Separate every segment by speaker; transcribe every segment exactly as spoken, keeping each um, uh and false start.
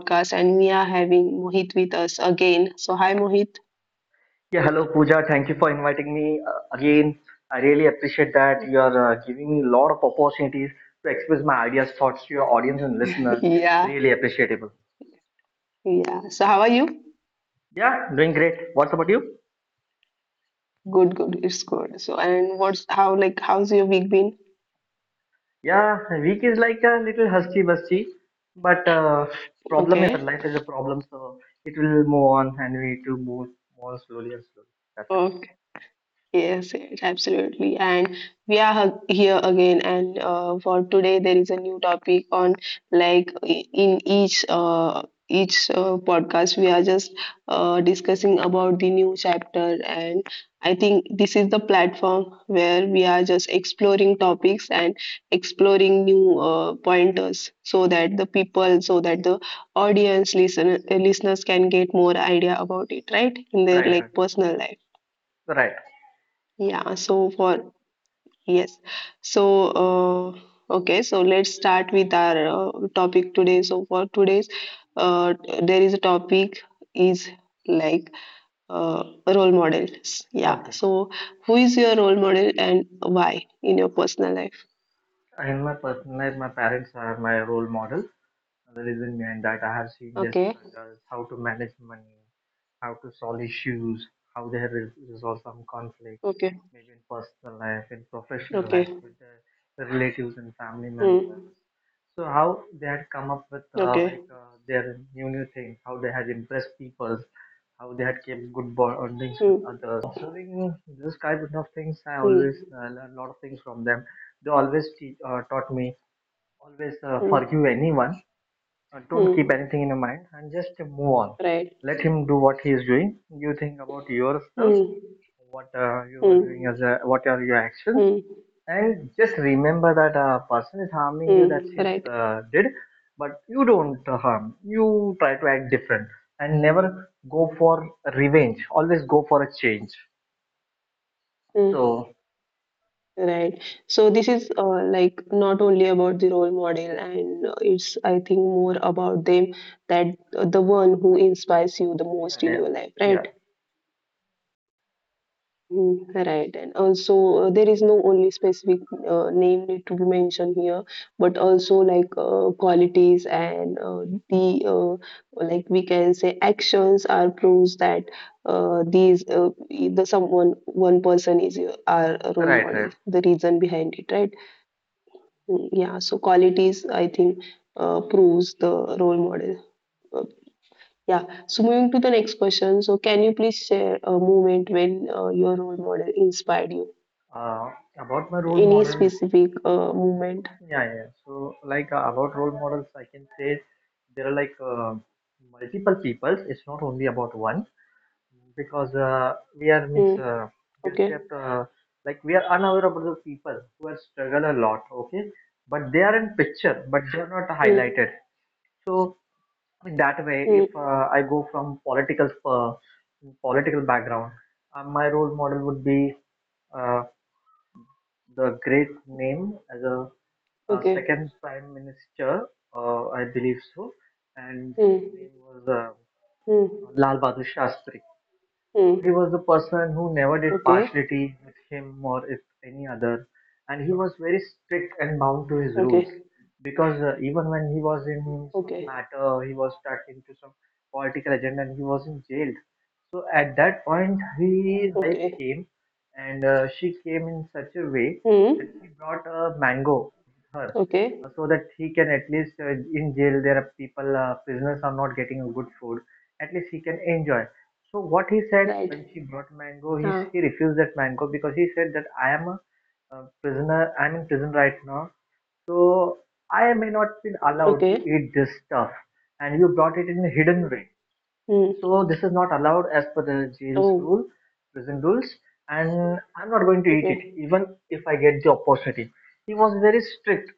Speaker 1: podcast, and we are having Mohit with us again. So hi, Mohit.
Speaker 2: Yeah, hello Pooja. Thank you for inviting me uh, again. I really appreciate that you are uh, giving me a lot of opportunities to express my ideas, thoughts to your audience and listener.
Speaker 1: Yeah,
Speaker 2: Really appreciable.
Speaker 1: yeah. So how are you?
Speaker 2: Yeah, doing great. What's about you?
Speaker 1: Good, good. It's good. So and what's how like how's your week been?
Speaker 2: Yeah, week is like a little husky busty, but uh, problem is life, and
Speaker 1: Okay.
Speaker 2: life is a problem, so it will move on, and we need to move more slowly and slowly. That's it.
Speaker 1: Yes, yes, absolutely. And we are hug- here again. And uh, for today, there is a new topic on like i- in each uh, each uh, podcast, we are just uh, discussing about the new chapter. And I think this is the platform where we are just exploring topics and exploring new uh, pointers, so that the
Speaker 2: All right.
Speaker 1: people, so that the audience, listen, listeners can get more idea about it, right, in their
Speaker 2: Right.
Speaker 1: like personal life.
Speaker 2: Right. Right.
Speaker 1: Yeah, so for yes. So, uh, okay, so let's start with our uh, topic today. So, for today's, uh, there is a topic is like uh, role models. Yeah.
Speaker 2: Okay.
Speaker 1: So, who is your role model and why in your personal life?
Speaker 2: In my personal life, my parents are my role model. The reason behind that, I have seen their
Speaker 1: Okay.
Speaker 2: struggles, how to manage money, how to solve issues, how they have re- resolved some conflict,
Speaker 1: Okay.
Speaker 2: maybe in personal life, in professional life,
Speaker 1: Okay.
Speaker 2: with their relatives and family members.
Speaker 1: Hmm.
Speaker 2: So how they had come up with uh, like
Speaker 1: Okay.
Speaker 2: uh, their new new things, how they had impressed people, how they had kept good bondings with
Speaker 1: Hmm.
Speaker 2: others. So by observing this kind of things, I
Speaker 1: Hmm.
Speaker 2: always uh, learn a lot of things from them. They always te- uh, taught me. Always uh,
Speaker 1: Hmm.
Speaker 2: forgive anyone. Uh, don't keep
Speaker 1: Hmm.
Speaker 2: anything in your mind and just move on.
Speaker 1: Right.
Speaker 2: Let him do what he is doing. You think about yourself,
Speaker 1: Hmm.
Speaker 2: what uh, you are
Speaker 1: Hmm.
Speaker 2: doing as a, what are your actions,
Speaker 1: Hmm.
Speaker 2: and just remember that a person is harming you. That
Speaker 1: Hmm.
Speaker 2: she's
Speaker 1: Right.
Speaker 2: uh, did, but you don't uh, harm. You try to act different and never go for revenge. Always go for a change.
Speaker 1: Hmm.
Speaker 2: So
Speaker 1: Right. So this is uh, like not only about the role model, and uh, it's I think more about them that uh, the one who inspires you the
Speaker 2: yeah,
Speaker 1: most in
Speaker 2: yeah,
Speaker 1: your life,
Speaker 2: yeah.
Speaker 1: right? Mm, right, and also uh, there is no only specific uh, name need to be mentioned here, but also like uh, qualities and uh, the uh, like we can say actions are proofs that uh, these uh, the someone one person is your, our role
Speaker 2: Right,
Speaker 1: model,
Speaker 2: right.
Speaker 1: the reason behind it, right? Mm, yeah, so qualities I think uh, proves the role model. Uh, yeah, so moving to the next question, so can you please share a moment when uh, your role model inspired you,
Speaker 2: Uh, about my role
Speaker 1: any
Speaker 2: model.
Speaker 1: specific uh, moment?
Speaker 2: Yeah, yeah. So, like uh, about role models, I can say there are like uh, multiple people. It's not only about one because uh, we are means
Speaker 1: Hmm.
Speaker 2: uh, we are
Speaker 1: Okay.
Speaker 2: kept uh, like we are unaware about the people who are struggle a lot. Okay, but they are in picture, but they are not
Speaker 1: Hmm.
Speaker 2: highlighted. So in that way,
Speaker 1: Hmm.
Speaker 2: if uh, I go from political uh, political background, uh, my role model would be uh, the great name as a uh,
Speaker 1: Okay.
Speaker 2: second prime minister, uh, I believe so, and
Speaker 1: Hmm.
Speaker 2: his name was uh,
Speaker 1: Hmm.
Speaker 2: Lal Bahadur Shastri. So he
Speaker 1: Hmm.
Speaker 2: was a person who never did
Speaker 1: Okay.
Speaker 2: partiality with him or if any other, and he was very strict and bound to his rules.
Speaker 1: Okay.
Speaker 2: Because uh, even when he was in some
Speaker 1: Okay.
Speaker 2: matter, he was stuck into some political agenda, and he was in jail. So at that point, his wife
Speaker 1: Okay.
Speaker 2: came, and uh, she came in such a way that
Speaker 1: Hmm.
Speaker 2: she brought a mango with her,
Speaker 1: Okay.
Speaker 2: uh, so that he can at least uh, in jail there are people uh, prisoners are not getting a good food. At least he can enjoy so what he said
Speaker 1: Right.
Speaker 2: when she brought mango, he
Speaker 1: Huh.
Speaker 2: he refused that mango because he said that I am a, uh prisoner. I'm in prison right now, so I may not be allowed to
Speaker 1: Okay.
Speaker 2: eat this stuff. And you brought it in a hidden way,
Speaker 1: Hmm.
Speaker 2: so this is not allowed as per the jail's
Speaker 1: Oh,
Speaker 2: rule, prison rules. And I'm not going to eat
Speaker 1: okay.
Speaker 2: it, even if I get the opportunity. He was very strict.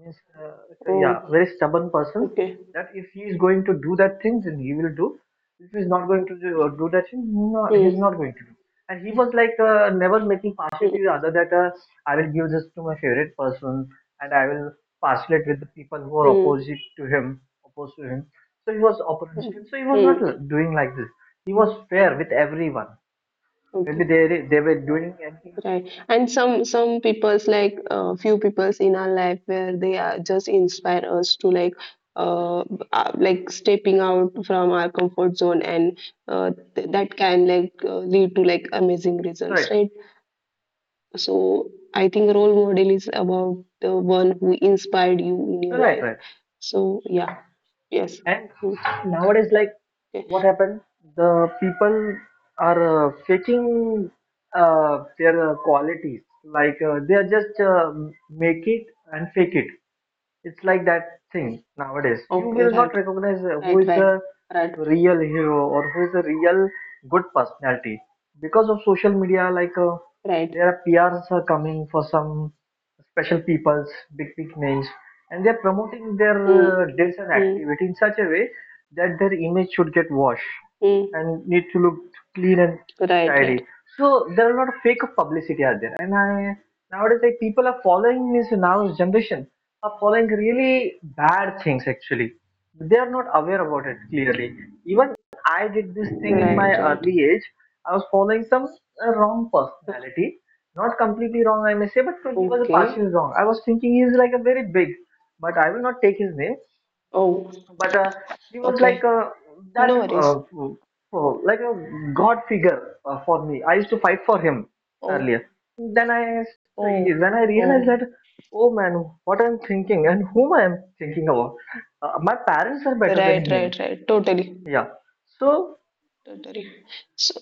Speaker 2: Means, uh, so yeah,
Speaker 1: Oh,
Speaker 2: very stubborn person.
Speaker 1: okay.
Speaker 2: That if he is going to do that thing, then he will do. If he's not going to do, uh, do that thing, no, he's
Speaker 1: Hmm.
Speaker 2: not going to do. And he was like uh, never making
Speaker 1: Hmm.
Speaker 2: partiality other that uh, I will give this to my favorite person and I will partialate with the people who are
Speaker 1: Hmm.
Speaker 2: opposite to him, opposed to him. So he was
Speaker 1: Hmm.
Speaker 2: opportunistic. So he was not
Speaker 1: Mm.
Speaker 2: l- doing like this. He was fair with everyone. Maybe
Speaker 1: Okay,
Speaker 2: they they were doing anything.
Speaker 1: right. And some some people's like uh, few people's in our life where they are just inspire us to like uh, uh like stepping out from our comfort zone and uh, th- that can like uh, lead to like amazing results,
Speaker 2: Right,
Speaker 1: right? So I think role model is about the one who inspired you in your
Speaker 2: right,
Speaker 1: life.
Speaker 2: right.
Speaker 1: So yeah, yes.
Speaker 2: And
Speaker 1: Hmm.
Speaker 2: nowadays, like
Speaker 1: Okay.
Speaker 2: what happened, the people are uh, faking uh, their uh, qualities. Like uh, they are just uh, make it and fake it. It's like that thing nowadays. You
Speaker 1: Okay,
Speaker 2: will not
Speaker 1: right,
Speaker 2: recognize uh, who
Speaker 1: right,
Speaker 2: is
Speaker 1: right,
Speaker 2: a
Speaker 1: right,
Speaker 2: real hero or who is a real good personality because of social media. Like uh,
Speaker 1: right.
Speaker 2: there are P Rs are coming for some special peoples, big big names, and they're promoting their uh,
Speaker 1: Hmm.
Speaker 2: deeds and
Speaker 1: Hmm.
Speaker 2: activity in such a way that their image should get washed
Speaker 1: Hmm.
Speaker 2: and need to look clean and
Speaker 1: Right, right,
Speaker 2: tidy. So there are a lot of fake publicity out there, and I nowadays like people are following this now generation are following really bad things actually. They are not aware about it clearly. Even I did this thing in
Speaker 1: right,
Speaker 2: my
Speaker 1: right.
Speaker 2: early age. I was following some uh, wrong personality, not completely wrong I may say, but he was
Speaker 1: Okay.
Speaker 2: partially wrong. I was thinking he is like a very big, but I will not take his name,
Speaker 1: Oh,
Speaker 2: but uh, he was like
Speaker 1: okay.
Speaker 2: uh,
Speaker 1: No
Speaker 2: that
Speaker 1: worries.
Speaker 2: uh, f- f- like a god figure uh, for me. I used to fight for him earlier,
Speaker 1: Oh,
Speaker 2: then i then
Speaker 1: oh,
Speaker 2: i realized that,
Speaker 1: oh.
Speaker 2: oh man, what I'm thinking and whom I am thinking about. Uh, my parents are better than
Speaker 1: Right,
Speaker 2: him.
Speaker 1: right, right. Totally,
Speaker 2: Yeah, so
Speaker 1: totally. So,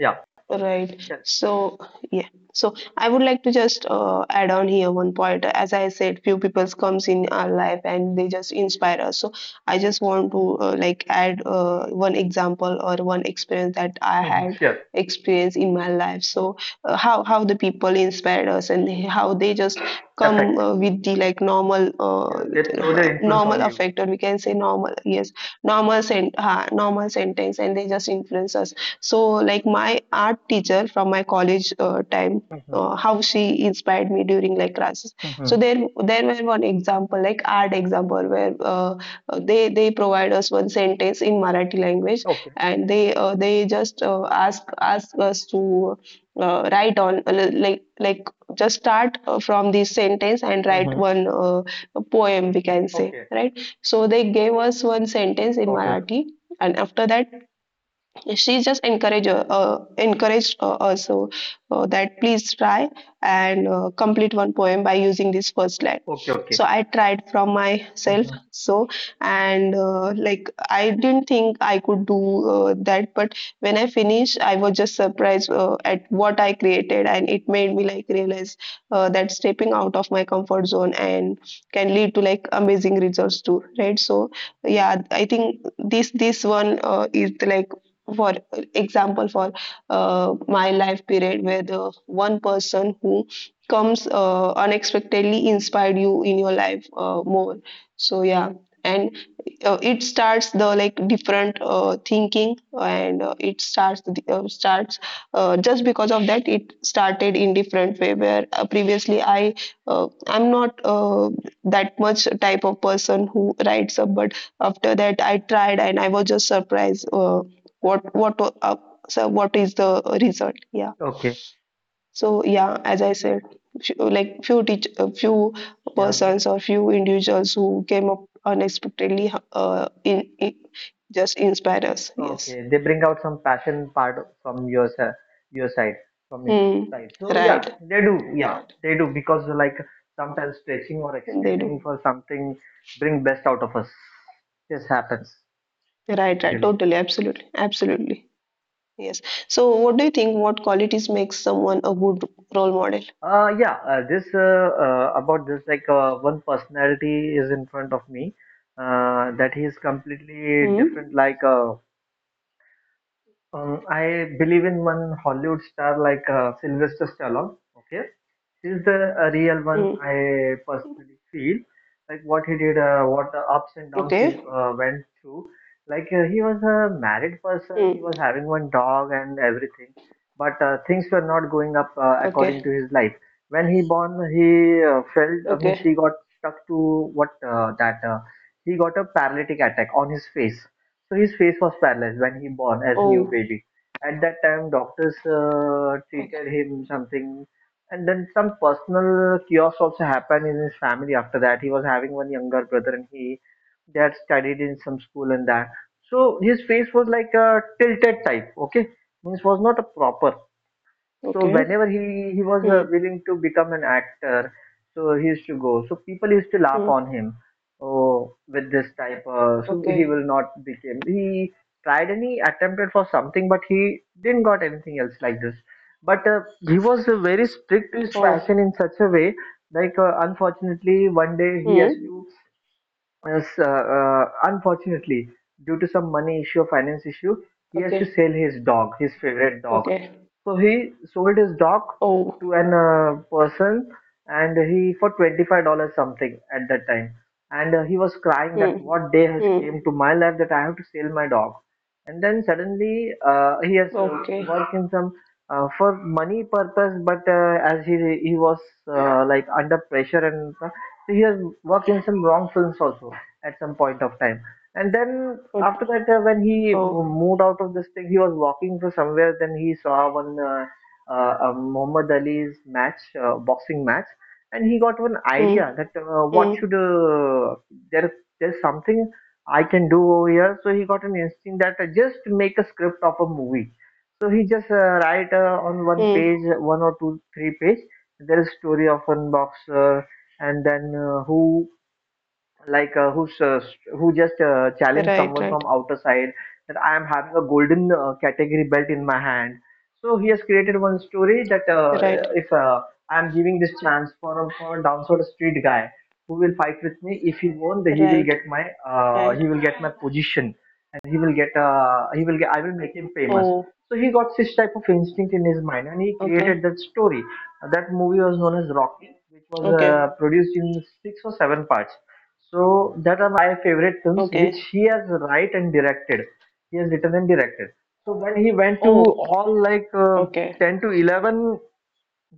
Speaker 2: yeah,
Speaker 1: right.
Speaker 2: yeah.
Speaker 1: So, yeah. So I would like to just uh, add on here one point. As I said, few people comes in our life and they just inspire us. So I just want to uh, like add uh, one example or one experience that I
Speaker 2: Mhm.
Speaker 1: had
Speaker 2: Sure
Speaker 1: experience in my life. So uh, how how the people inspired us and how they just come
Speaker 2: effect,
Speaker 1: uh, with the like normal
Speaker 2: yeah, they throw their
Speaker 1: uh,
Speaker 2: influence
Speaker 1: normal
Speaker 2: on you.
Speaker 1: affect or we can say normal, yes, normal sent uh, normal sentence, and they just influence us. So like my art teacher from my college uh, time,
Speaker 2: Hmm.
Speaker 1: uh, how she inspired me during like classes. So
Speaker 2: Hmm.
Speaker 1: there there were one example, like art example, where uh, they they provide us one sentence in Marathi language
Speaker 2: Okay.
Speaker 1: and they uh, they just uh, ask ask us to uh, write on uh, like like just start uh, from this sentence and write
Speaker 2: Hmm.
Speaker 1: one uh, poem, we can say,
Speaker 2: Okay.
Speaker 1: right? So they gave us one sentence in
Speaker 2: Okay.
Speaker 1: Marathi, and after that she just encourage uh, uh, encouraged uh, also uh, that please try and uh, complete one poem by using this first line.
Speaker 2: Okay. Okay.
Speaker 1: So I tried from myself,
Speaker 2: Hmm.
Speaker 1: so, and uh, like I didn't think I could do uh, that, but when I finished I was just surprised uh, at what I created, and it made me like realize uh, that stepping out of my comfort zone and can lead to like
Speaker 2: Oh,
Speaker 1: amazing results too, right? So yeah, I think this this one uh, is like for example for uh, my life period, where the one person who comes uh, unexpectedly inspired you in your life uh, more. So yeah, and uh, it starts the like different uh, thinking, and uh, it starts the, uh, starts uh, just because of that it started in different way, where uh, previously i uh, i'm not uh, that much type of person who writes up, but after that I tried and I was just surprised uh, what what uh, so what is the result. Yeah,
Speaker 2: okay.
Speaker 1: so yeah, as I said, few, like few teach uh, few
Speaker 2: Yeah,
Speaker 1: persons or few individuals who came up unexpectedly uh, in, in just inspire us, yes.
Speaker 2: okay, they bring out some passion part from your si- your side, from your
Speaker 1: Hmm.
Speaker 2: side. So yeah,
Speaker 1: Right,
Speaker 2: they do. Yeah,
Speaker 1: right,
Speaker 2: they do because like sometimes stretching or
Speaker 1: they
Speaker 2: extending
Speaker 1: do,
Speaker 2: for something bring best out of us. This happens
Speaker 1: right, right,
Speaker 2: usually.
Speaker 1: totally, absolutely, absolutely, yes. So what do you think, what qualities makes someone a good role model?
Speaker 2: Uh, yeah, uh, this uh, uh, about this like uh, one personality is in front of me uh, that he is completely
Speaker 1: Hmm.
Speaker 2: different. Like uh, um, I believe in one Hollywood star like uh, Sylvester Stallone. Okay is the uh, real one.
Speaker 1: Hmm.
Speaker 2: I personally feel like what he did, uh, what the ups and downs he
Speaker 1: Okay.
Speaker 2: uh, went through. Like uh, he was a married person, he
Speaker 1: Hmm.
Speaker 2: was having one dog and everything, but uh, things were not going up uh, according to
Speaker 1: Okay.
Speaker 2: his life. When he born, he uh, felt, I mean
Speaker 1: Okay.
Speaker 2: he got stuck to what, uh, that uh, he got a paralytic attack on his face, so his face was paralyzed when he born as a new
Speaker 1: Oh,
Speaker 2: baby. At that time doctors uh, treated
Speaker 1: okay.
Speaker 2: him something, and then some personal chaos also happened in his family after that. He was having one younger brother, and he they had studied in some school and that. So his face was like a tilted type, okay? Means was not a proper. So
Speaker 1: Okay.
Speaker 2: whenever he he was uh,
Speaker 1: Hmm.
Speaker 2: willing to become an actor, so he used to go, so people used to laugh
Speaker 1: Hmm.
Speaker 2: on him, oh with this type uh, so he
Speaker 1: Okay.
Speaker 2: will not become. He tried and he attempted for something, but he didn't got anything else like this, but uh, he was uh, very strict to his
Speaker 1: Oh.
Speaker 2: passion in such a way, like uh, unfortunately one day he has
Speaker 1: Hmm.
Speaker 2: to. Yes, uh, uh, unfortunately, due to some money issue or finance issue, he has to
Speaker 1: Okay.
Speaker 2: sell his dog, his favorite dog.
Speaker 1: Okay.
Speaker 2: So he sold his dog to
Speaker 1: Oh.
Speaker 2: an uh, person, and he for twenty-five dollars something at that time. And uh, he was crying
Speaker 1: Hmm.
Speaker 2: that what day has
Speaker 1: Hmm.
Speaker 2: came to my life that I have to sell my dog. And then suddenly uh, he has uh,
Speaker 1: Okay.
Speaker 2: worked in some uh, for money purpose, but uh, as he he was uh, like under pressure and stuff, so he has worked in some wrong films also at some point of time. And then
Speaker 1: Okay.
Speaker 2: after that, uh, when he
Speaker 1: Oh.
Speaker 2: moved out of this thing, he was walking for somewhere. Then he saw one uh, uh, uh, Muhammad Ali's match, uh, boxing match, and he got one
Speaker 1: Hmm.
Speaker 2: idea that uh, what
Speaker 1: Hmm.
Speaker 2: should, uh, there there's something I can do over here. So he got an instinct that uh, just make a script of a movie. So he just uh, write uh, on one page,
Speaker 1: Hmm.
Speaker 2: one or two, three page. There is story of one boxer, and then uh, who like uh, who s- who just uh, challenged
Speaker 1: Right.
Speaker 2: someone from
Speaker 1: Right.
Speaker 2: outer side that I am having a golden uh, category belt in my hand. So he has created one story that uh,
Speaker 1: Right.
Speaker 2: if uh, I am giving this chance for a, for a downside street guy who will fight with me, if he won, then he will
Speaker 1: Right.
Speaker 2: get my uh,
Speaker 1: Right.
Speaker 2: he will get my position and he will get uh, he will get I will make him famous.
Speaker 1: Oh.
Speaker 2: So he got this type of instinct in his mind and he
Speaker 1: Okay.
Speaker 2: created that story. That movie was known as Rocky, which was uh,
Speaker 1: Okay.
Speaker 2: produced in six or seven parts. So that are my five favorite films which
Speaker 1: Okay.
Speaker 2: he has write and directed. He has written and directed. So when he went to
Speaker 1: Oh.
Speaker 2: all like uh,
Speaker 1: Okay.
Speaker 2: ten to eleven,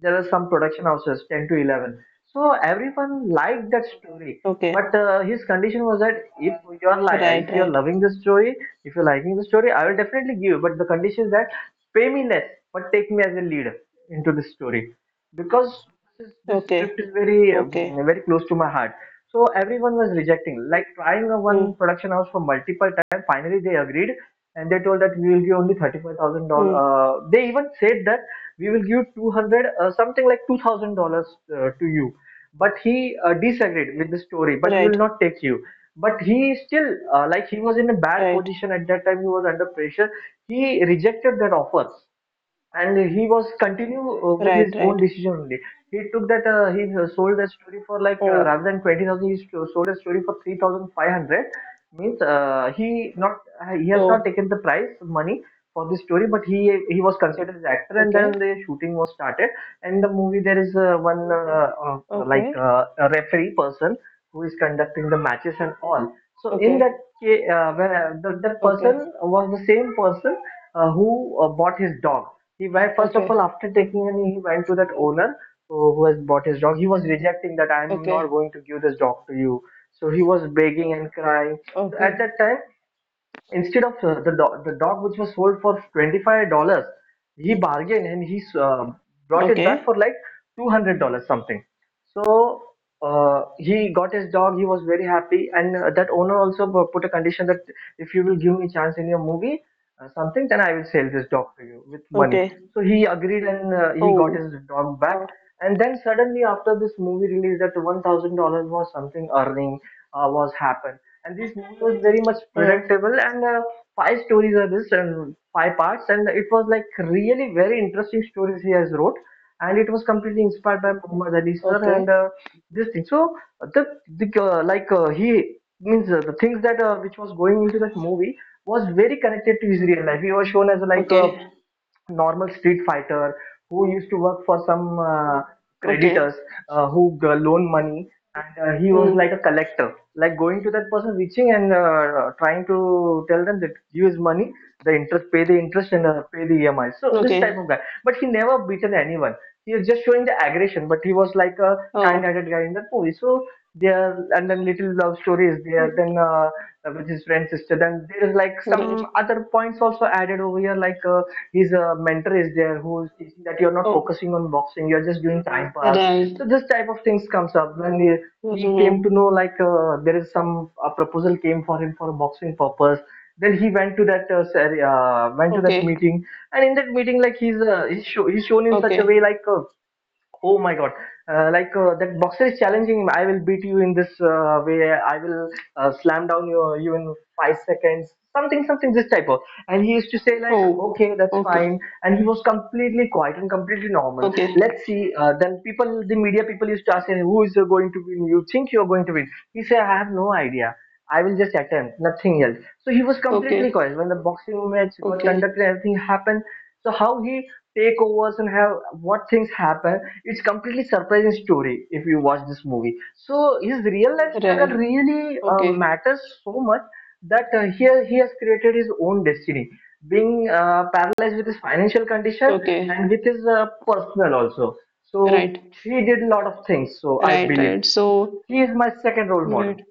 Speaker 2: there are some production houses ten to eleven. So everyone liked that story.
Speaker 1: Okay.
Speaker 2: But uh, his condition was that if you are li-
Speaker 1: Right.
Speaker 2: if you are
Speaker 1: Right.
Speaker 2: loving the story, if you're liking the story, I will definitely give. But the condition is that, pay me less, but take me as a lead into the story, because this this
Speaker 1: Okay.
Speaker 2: script is very um,
Speaker 1: Okay.
Speaker 2: very close to my heart. So everyone was rejecting, like, trying a
Speaker 1: Hmm.
Speaker 2: one production house for multiple times. Finally they agreed and they told that, we will give only thirty-five thousand dollars.
Speaker 1: Hmm.
Speaker 2: Uh, they even said that we will give two hundred, uh, something like two thousand dollars uh, to you, but he uh, disagreed with the story, but we
Speaker 1: Right.
Speaker 2: will not take you. But he still, uh, like, he was in a bad
Speaker 1: Right.
Speaker 2: position at that time. He was under pressure. He rejected that offer, and he was continue uh, with
Speaker 1: Right.
Speaker 2: his own
Speaker 1: Right.
Speaker 2: decision only. He took that, uh, he uh, sold that story for like, uh,
Speaker 1: Oh.
Speaker 2: rather than twenty thousand, he st- sold that story for three thousand five hundred. Means, uh, he not, uh, he has not taken
Speaker 1: Oh.
Speaker 2: the price money for the story, but he he was considered as actor, and
Speaker 1: Okay.
Speaker 2: then the shooting was started. And the movie, there is uh, one uh, uh, like
Speaker 1: Okay.
Speaker 2: uh, a referee person who is conducting the matches and all. So in that,
Speaker 1: Okay.
Speaker 2: ca- uh, where uh, the, that person was the same person uh, who uh, bought his dog. He went, first of all,
Speaker 1: Okay.
Speaker 2: after taking, and he went to that
Speaker 1: Okay.
Speaker 2: owner who, who has bought his dog. He was rejecting, that I am not
Speaker 1: Okay.
Speaker 2: going to give this dog to you. So he was begging and crying. So at
Speaker 1: Okay.
Speaker 2: that time, instead of uh, the dog, the dog which was sold for twenty five dollars, he bargained and he uh, brought it back
Speaker 1: Okay.
Speaker 2: for like two hundred dollars something. So uh, he got his dog. He was very happy, and uh, that owner also bu- put a condition that, if you will give me chance in your movie, uh, something, then I will sell this dog to you with money.
Speaker 1: Okay.
Speaker 2: So he agreed, and uh, he got
Speaker 1: Oh.
Speaker 2: his dog back.
Speaker 1: Oh.
Speaker 2: And then suddenly after this movie release, that one thousand dollars was something earning, uh, was happened, and this movie was very much
Speaker 1: Oh.
Speaker 2: predictable. And uh, five stories are this, and five parts, and it was like really very interesting stories he has wrote, and it was completely inspired by Muhammad Ali sir,
Speaker 1: Okay.
Speaker 2: and uh, this thing. So the, the uh, like uh, he means, uh, the things that uh, which was going into that movie was very connected to his real life. He was shown as like a
Speaker 1: Okay.
Speaker 2: normal street fighter who used to work for some uh,
Speaker 1: Okay.
Speaker 2: creditors, uh, who g- loan money, and uh, he was
Speaker 1: Hmm.
Speaker 2: like a collector, like going to that person, reaching, and uh, trying to tell them that, use money, the interest, pay the interest, and uh, pay the EMI. So this type
Speaker 1: Okay.
Speaker 2: of guy, but he never beaten anyone. He was just showing the aggression, but he was like a
Speaker 1: Oh.
Speaker 2: kind-hearted guy in that movie. So there, and then little love story is there,
Speaker 1: Hmm.
Speaker 2: then uh, with his friend sister. Then there is like some
Speaker 1: Right.
Speaker 2: other points also added over here, like, Uh, his uh, mentor is there who is teaching that, you're not
Speaker 1: Oh.
Speaker 2: focusing on boxing, you're just doing time pass.
Speaker 1: Right.
Speaker 2: So this type of things comes up when he, he came
Speaker 1: Hmm.
Speaker 2: to know, like uh, there is some a proposal came for him for a boxing purpose. Then he went to that uh, ser- uh, went to that
Speaker 1: Okay.
Speaker 2: meeting, and in that meeting, like, he's uh, he's, show, he's shown in such a
Speaker 1: Okay.
Speaker 2: way like, uh, oh my God. Uh, like, uh, that boxer is challenging, I will beat you in this uh, way. I will uh, slam down your you in five seconds. Something, something, this type of. And he used to say like,
Speaker 1: Oh.
Speaker 2: okay, that's
Speaker 1: Okay.
Speaker 2: fine. And he was completely quiet and completely normal,
Speaker 1: Okay.
Speaker 2: let's see. Uh, then people, the media people used to ask him, who is going to win? You think you're going to win? He said, I have no idea, I will just attempt, nothing else. So he was completely
Speaker 1: Okay.
Speaker 2: quiet when the boxing match got
Speaker 1: Okay.
Speaker 2: conducted. Everything happened. So how he take overs and have what things happen? It's completely surprising story if you watch this movie. So his real life struggle
Speaker 1: Right.
Speaker 2: really uh,
Speaker 1: Okay.
Speaker 2: matters so much, that uh, here he has created his own destiny, being uh, paralyzed with his financial condition
Speaker 1: Okay.
Speaker 2: and with his uh, personal also. So
Speaker 1: Right.
Speaker 2: he did a lot of things, so I
Speaker 1: Right.
Speaker 2: believe
Speaker 1: Right. So.
Speaker 2: he is my second role model.
Speaker 1: Right.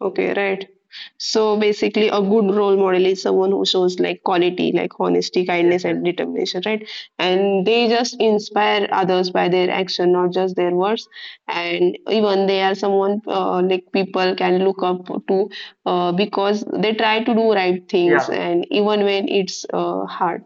Speaker 1: Okay. Right. So basically, a good role model is someone who shows like quality, like honesty,
Speaker 2: Yes,
Speaker 1: kindness,
Speaker 2: yes,
Speaker 1: and determination, right? And they just inspire others by their action, not just their words. And even they are someone uh, like people can look up to uh, because they try to do right things,
Speaker 2: yeah,
Speaker 1: and even when it's uh, hard.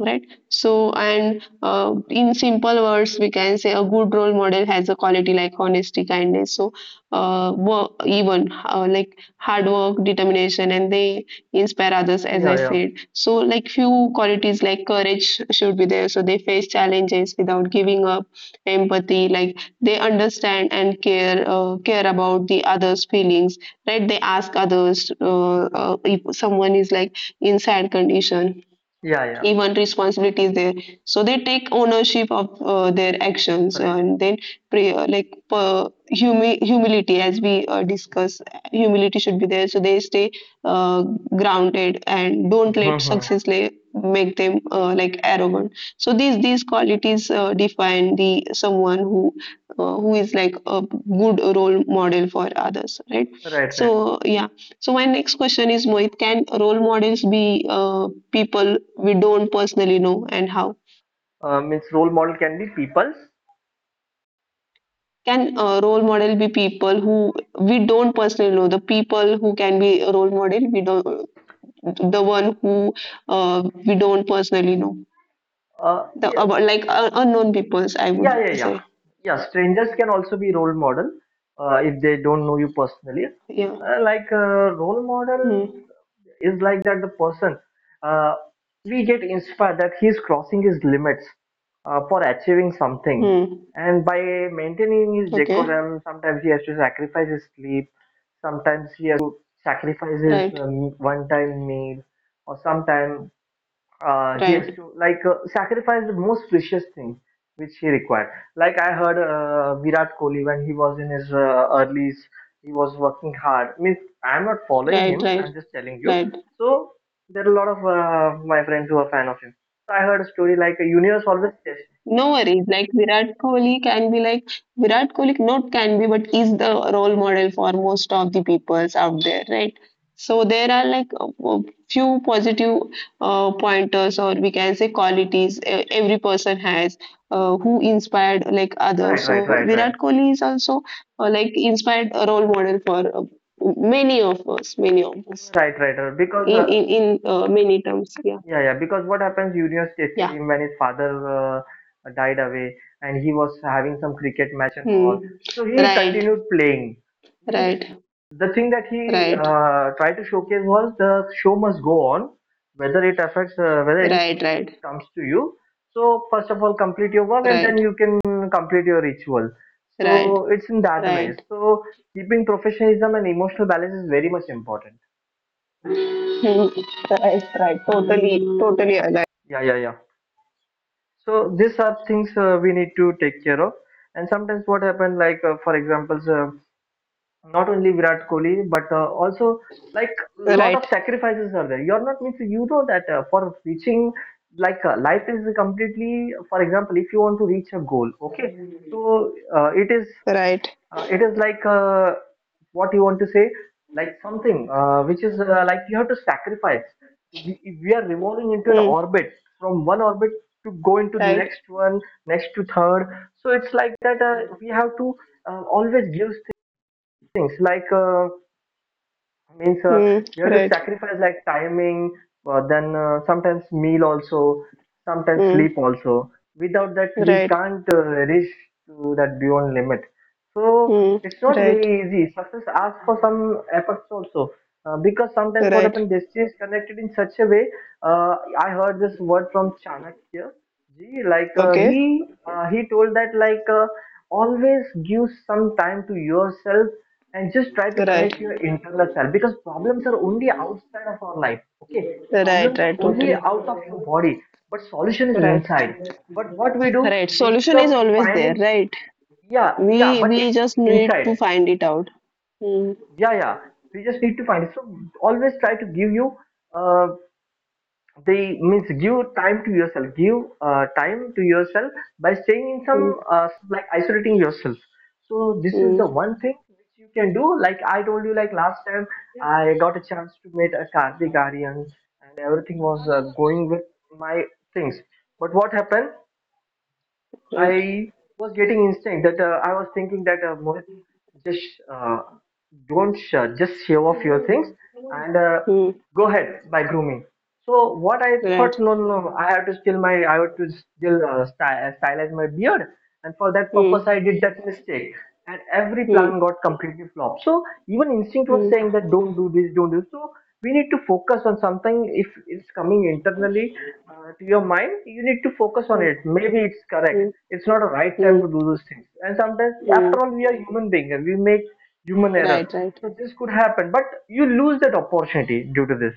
Speaker 1: Right. So, and uh, in simple words, we can say a good role model has a quality like honesty, kindness. So, uh, wo- even uh, like hard work determination, and they inspire others, as I
Speaker 2: yeah, yeah,
Speaker 1: said. So like few qualities like courage should be there, so they face challenges without giving up. Empathy, like they understand and care uh, care about the others feelings, right? They ask others uh, uh, if someone is like in sad condition.
Speaker 2: yeah, yeah,
Speaker 1: Even responsibility is there, so they take ownership of uh, their actions,
Speaker 2: right,
Speaker 1: and then pray uh, like uh, humi- humility as we uh, discuss, humility should be there, so they stay uh, grounded and don't let
Speaker 2: mm-hmm.
Speaker 1: success lay, make them uh, like arrogant. So these these qualities uh, define the someone who uh, who is like a good role model for others, right?
Speaker 2: Right, right.
Speaker 1: So yeah, so my next question is, Mohit, can role models be uh, people we don't personally know, and how?
Speaker 2: Uh, means, role model can be people's,
Speaker 1: Can uh, role model be people who we don't personally know? The people who can be a role model, we don't, the one who uh, we don't personally know,
Speaker 2: uh,
Speaker 1: the
Speaker 2: yeah,
Speaker 1: about like uh, unknown peoples, I
Speaker 2: yeah,
Speaker 1: would
Speaker 2: yeah, yeah,
Speaker 1: say.
Speaker 2: yeah, strangers can also be role model, uh, if they don't know you personally.
Speaker 1: Yeah.
Speaker 2: Uh, like, uh, role model
Speaker 1: Hmm.
Speaker 2: is like that, the person, uh, we get inspired that he is crossing his limits uh, for achieving something,
Speaker 1: Hmm.
Speaker 2: and by maintaining his
Speaker 1: Okay.
Speaker 2: decorum. Sometimes he has to sacrifice his sleep, sometimes he has to sacrifice his
Speaker 1: Right.
Speaker 2: um, one time meal, or sometimes uh, he has
Speaker 1: Right.
Speaker 2: to, like, uh, sacrifice the most precious thing which he required. Like, I heard uh, Virat Kohli, when he was in his uh, early, he was working hard. I mean, I'm not following
Speaker 1: Right.
Speaker 2: him,
Speaker 1: Right.
Speaker 2: I'm just telling you.
Speaker 1: Right.
Speaker 2: So there are a lot of uh, my friends who are fan of him. So I heard a story, like, a universe always tests.
Speaker 1: No worries. Like Virat Kohli can be, like Virat Kohli, not can be, but is the role model for most of the peoples out there, right? So there are like a a few positive uh, pointers, or we can say qualities e- every person has uh, who inspired like others.
Speaker 2: Right, right, right,
Speaker 1: So
Speaker 2: right, right,
Speaker 1: Virat Kohli is also uh, like inspired a role model for uh, many of us, many of us
Speaker 2: right. Right. Right. Because,
Speaker 1: in
Speaker 2: uh,
Speaker 1: in in uh, many terms. Yeah,
Speaker 2: yeah, yeah, because what happens, Junior tested
Speaker 1: yeah.
Speaker 2: him when his father uh, died away, and he was having some cricket match and all.
Speaker 1: Hmm.
Speaker 2: So he
Speaker 1: Right,
Speaker 2: continued playing. Means,
Speaker 1: right,
Speaker 2: the thing that he
Speaker 1: right.
Speaker 2: uh, tried to showcase was, the show must go on, whether it affects, uh, whether it
Speaker 1: Right, right,
Speaker 2: comes to you. So first of all, complete your work, and
Speaker 1: right,
Speaker 2: then you can complete your ritual.
Speaker 1: right,
Speaker 2: So it's in that way.
Speaker 1: right.
Speaker 2: So keeping professionalism and emotional balance is very much important.
Speaker 1: Hmm. Right, right. Totally, totally alive.
Speaker 2: Yeah, yeah, yeah. So these are things uh, we need to take care of. And sometimes what happened, like, uh, for example, uh, not only Virat Kohli, but uh, also, like, lot of
Speaker 1: Right,
Speaker 2: sacrifices are there. You're not, means, you know that, uh, for reaching, like, uh, life is completely. For example, if you want to reach a goal, okay, so uh, it is
Speaker 1: right.
Speaker 2: uh, it is like uh, what you want to say, like something uh, which is uh, like, you have to sacrifice. We, we are revolving into an
Speaker 1: Hmm.
Speaker 2: orbit, from one orbit to go into the
Speaker 1: Right.
Speaker 2: next one, next to third. So it's like that, uh, we have to uh, always give things, like, Uh, means, uh,
Speaker 1: Hmm.
Speaker 2: you have to
Speaker 1: Right.
Speaker 2: sacrifice, like, timing, uh, then uh, sometimes meal also, sometimes
Speaker 1: Hmm.
Speaker 2: sleep also. Without that, we
Speaker 1: Right.
Speaker 2: can't uh, reach to that beyond limit. So
Speaker 1: Hmm.
Speaker 2: it's not
Speaker 1: Right.
Speaker 2: very easy, success asks for some efforts also, uh, because sometimes what
Speaker 1: Right.
Speaker 2: happens, destiny is connected in such a way. uh, I heard this word from Chanakya ji, like, uh,
Speaker 1: Okay.
Speaker 2: he uh, he told that, like, uh, always give some time to yourself and just try to
Speaker 1: Right.
Speaker 2: connect your internal self. Because problems are only outside of our life, okay,
Speaker 1: Right.
Speaker 2: problems are
Speaker 1: Right.
Speaker 2: only
Speaker 1: Totally.
Speaker 2: out of your body, but solution is
Speaker 1: Right.
Speaker 2: inside. But what we do,
Speaker 1: Right.
Speaker 2: instead
Speaker 1: Solution is
Speaker 2: of
Speaker 1: always there.
Speaker 2: finding,
Speaker 1: Right.
Speaker 2: yeah, yeah,
Speaker 1: We
Speaker 2: but
Speaker 1: we
Speaker 2: it's
Speaker 1: just need
Speaker 2: inside,
Speaker 1: to find it out. Hmm.
Speaker 2: yeah, yeah, we just need to find it. So always try to give you uh, they means, give time to yourself, give uh, time to yourself by staying in some,
Speaker 1: Hmm.
Speaker 2: uh, like, isolating yourself. So this is
Speaker 1: Hmm.
Speaker 2: the one thing which you can do. Like, I told you, like, last time I got a chance to meet a Kartik Aryan, and everything was uh, going with my things. But what happened,
Speaker 1: Right.
Speaker 2: I was getting instinct that, uh, I was thinking that, uh, Mohit, just uh, don't, uh, just show off your things and uh,
Speaker 1: Hmm.
Speaker 2: go ahead by grooming. So what I thought,
Speaker 1: Right.
Speaker 2: no, no, no, I have to still my, I have to still, uh, sty- stylize my beard. And for that
Speaker 1: Hmm.
Speaker 2: purpose I did that mistake, and every
Speaker 1: Hmm.
Speaker 2: plan got completely flopped. So even instinct was
Speaker 1: Hmm.
Speaker 2: saying that, don't do this, don't do this. So we need to focus on something. If it's coming internally uh, to your mind, you need to focus on it.
Speaker 1: Hmm.
Speaker 2: Maybe it's correct,
Speaker 1: Hmm.
Speaker 2: it's not a right time
Speaker 1: Hmm.
Speaker 2: to do those things. And sometimes,
Speaker 1: Hmm.
Speaker 2: after all, we are human beings, and we make human error.
Speaker 1: Right. Right.
Speaker 2: So this could happen, but you lose that opportunity due to this.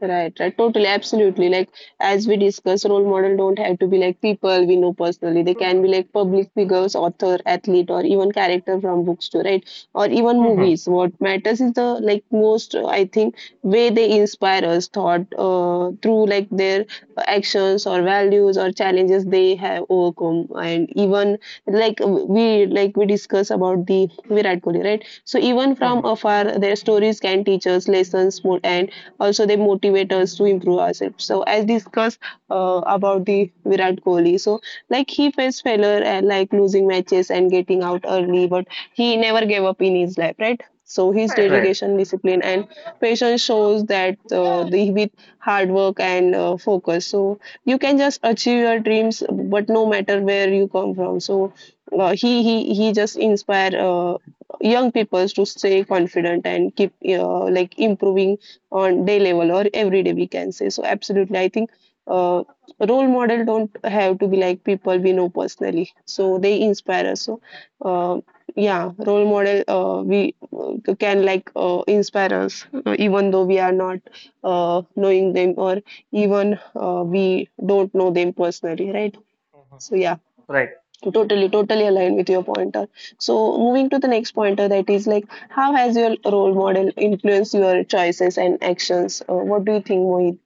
Speaker 1: Right, right, totally, absolutely. Like as we discuss, role model don't have to be like people we know personally. They can be
Speaker 2: Mhm,
Speaker 1: like public figures, author, athlete, or even character from books too, right? Or even
Speaker 2: mhm,
Speaker 1: movies. What matters is the like most, uh, I think, way they inspire us thought uh, through like their actions or values or challenges they have overcome, and even like we, like we discuss about the Virat Kohli, right? So even from
Speaker 2: mhm.
Speaker 1: afar, their stories can teach us lessons more, and also, they motivate us to improve ourselves. So, as discussed uh, about the Virat Kohli, so like he faced failure and like losing matches and getting out early, but he never gave up in his life, right? So his
Speaker 2: Right, right.
Speaker 1: dedication, discipline, and patience shows that uh, the, with hard work and uh, focus, so you can just achieve your dreams. But no matter where you come from, so uh, he he he just inspire uh, young people to stay confident and keep uh, like improving on day level or every day we can say. So absolutely, I think uh, role model don't have to be like people we know personally, so they inspire us. So uh, yeah, role model uh, we uh, can like uh, inspire us uh, even though we are not uh, knowing them, or even uh, we don't know them personally, right?
Speaker 2: Mhm.
Speaker 1: So yeah,
Speaker 2: Right.
Speaker 1: totally totally aligned with your pointer. So moving to the next pointer, that is like how has your role model influenced your choices and actions? Uh, what do you think, Mohit?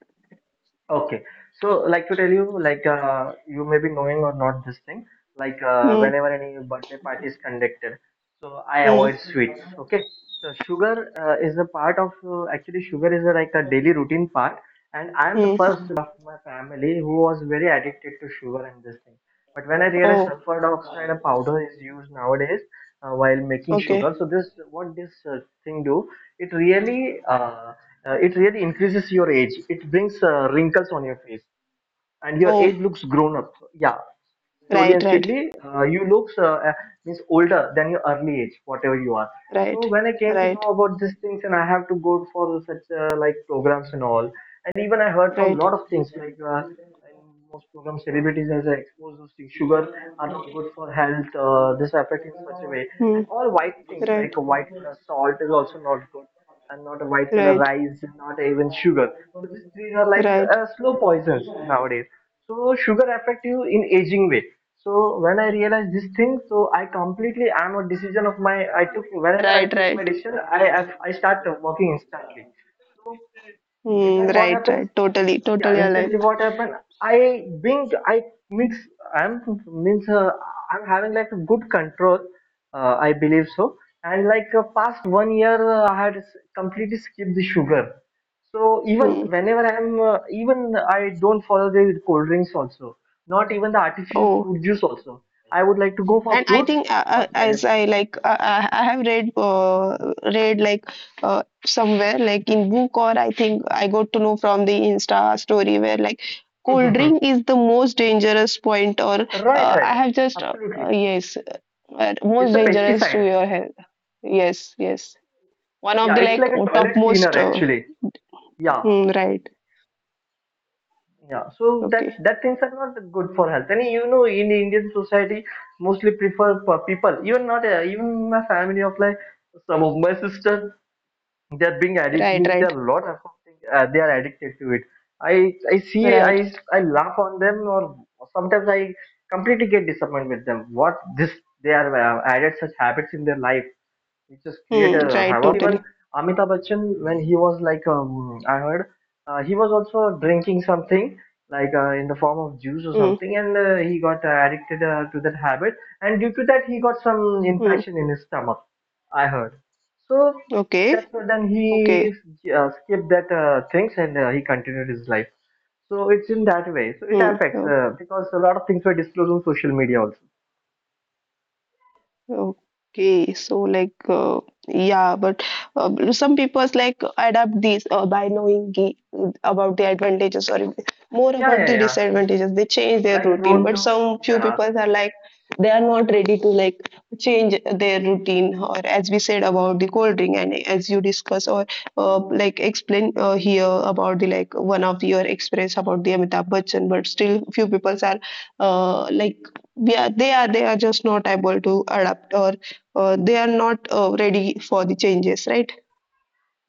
Speaker 2: Okay, so, like, to tell you, like, uh, you may be knowing or not this thing, like, uh,
Speaker 1: hmm,
Speaker 2: whenever any birthday party is conducted, so I
Speaker 1: hmm,
Speaker 2: avoid sweets. Okay, so sugar uh, is a part of uh, actually sugar is a, like a daily routine part, and I am the
Speaker 1: hmm.
Speaker 2: first boy of my family who was very addicted to sugar and this thing. But when I realized
Speaker 1: Oh,
Speaker 2: sulfur dioxide, a powder is used nowadays uh, while making sugar. So
Speaker 1: okay.
Speaker 2: this, what this uh, thing do? It really, uh, uh, it really increases your age. It brings uh, wrinkles on your face, and your
Speaker 1: Oh,
Speaker 2: age looks grown up, yeah, slowly
Speaker 1: right,
Speaker 2: and
Speaker 1: right,
Speaker 2: steadily. Uh, you looks uh, uh, means older than your early age, whatever you are. So
Speaker 1: right,
Speaker 2: when I came to
Speaker 1: right,
Speaker 2: know about these things, and I have to go for such uh, like programs and all, and even I heard from
Speaker 1: right.
Speaker 2: lot of things, like uh, in most program celebrities, as I expose those things, sugar are not good for health. Uh, this affect in such a way.
Speaker 1: hmm,
Speaker 2: And all white things,
Speaker 1: right,
Speaker 2: like a white color salt is also not good, and not a white color
Speaker 1: right,
Speaker 2: rice, not even sugar. So these three are like
Speaker 1: right,
Speaker 2: uh, slow poisons nowadays. So sugar affect you in aging way. So when I realized this thing, so I completely, I'm a decision of my, I took. Whenever I
Speaker 1: right,
Speaker 2: take
Speaker 1: right.
Speaker 2: my decision, i i, I start working instantly. So, in
Speaker 1: Hmm,
Speaker 2: that what
Speaker 1: right,
Speaker 2: happens?
Speaker 1: right, totally,
Speaker 2: Yeah,
Speaker 1: totally aligned.
Speaker 2: instantly what happened? I binged. I means I'm means uh, I'm having like a good control. Uh, I believe so. And like uh, past one year, uh, I had s- completely skipped the sugar. So even
Speaker 1: hmm.
Speaker 2: whenever I'm uh, even I don't follow the cold drinks also. Not even the artificial
Speaker 1: Oh,
Speaker 2: fruit juice also. I would like to go for
Speaker 1: and I
Speaker 2: fruits
Speaker 1: think, uh, uh,
Speaker 2: or
Speaker 1: as I like, uh, I I have read uh, read like uh, somewhere, like in book, or I think I got to know from the Insta story, where like cold
Speaker 2: jaggery.
Speaker 1: drink is the most dangerous point. Or
Speaker 2: Right,
Speaker 1: uh, I
Speaker 2: right.
Speaker 1: have just uh, uh,
Speaker 2: Absolutely.
Speaker 1: yes, uh, most
Speaker 2: It's a
Speaker 1: dangerous to
Speaker 2: pesticide.
Speaker 1: your health. Yes, yes, one of
Speaker 2: Yeah,
Speaker 1: the
Speaker 2: it's
Speaker 1: like
Speaker 2: like a toilet cleaner,
Speaker 1: topmost. Uh,
Speaker 2: actually. Yeah,
Speaker 1: hmm, right,
Speaker 2: yeah. So that
Speaker 1: okay,
Speaker 2: that things are not good for health. And you know, in Indian society, mostly prefer p- people. Even not uh, even my family, of like some of my sister, they are being addicted.
Speaker 1: right,
Speaker 2: Means they
Speaker 1: right,
Speaker 2: are lot of something. Uh, they are addicted to it. I I see.
Speaker 1: right.
Speaker 2: I I laugh on them, or sometimes I completely get disappointed with them. What this they are uh, added such habits in their life. It just create
Speaker 1: Hmm,
Speaker 2: a
Speaker 1: right,
Speaker 2: havoc to there. You know,
Speaker 1: totally.
Speaker 2: even Amitabh Bachchan, when he was like, um, I heard, uh, he was also drinking something like uh, in the form of juice or
Speaker 1: Hmm,
Speaker 2: something, and uh, he got uh, addicted uh, to that habit, and due to that, he got some
Speaker 1: hmm.
Speaker 2: infection in his stomach. I heard. So that's
Speaker 1: Okay,
Speaker 2: why then
Speaker 1: okay.
Speaker 2: he uh, skipped that uh, things, and uh, he continued his life. So it's in that way. So it
Speaker 1: Hmm,
Speaker 2: affects uh, because a lot of things were disclosed on social media also.
Speaker 1: okay. So like, uh, yeah, but uh, some people like adapt these uh, by knowing the, about the advantages, or more
Speaker 2: Yeah,
Speaker 1: about
Speaker 2: yeah,
Speaker 1: the
Speaker 2: yeah.
Speaker 1: disadvantages. They change their
Speaker 2: Like
Speaker 1: routine,
Speaker 2: prone
Speaker 1: but
Speaker 2: to.
Speaker 1: some few
Speaker 2: Yeah.
Speaker 1: people are like they are not ready to like change their routine, or as we said about the cold drink, and as you discuss or uh, like explain uh, here about the like one of your experience about the Amitabh Bachchan, but still few people are uh, like yeah, they are they are just not able to adapt or uh, they are not uh, ready for the changes, right?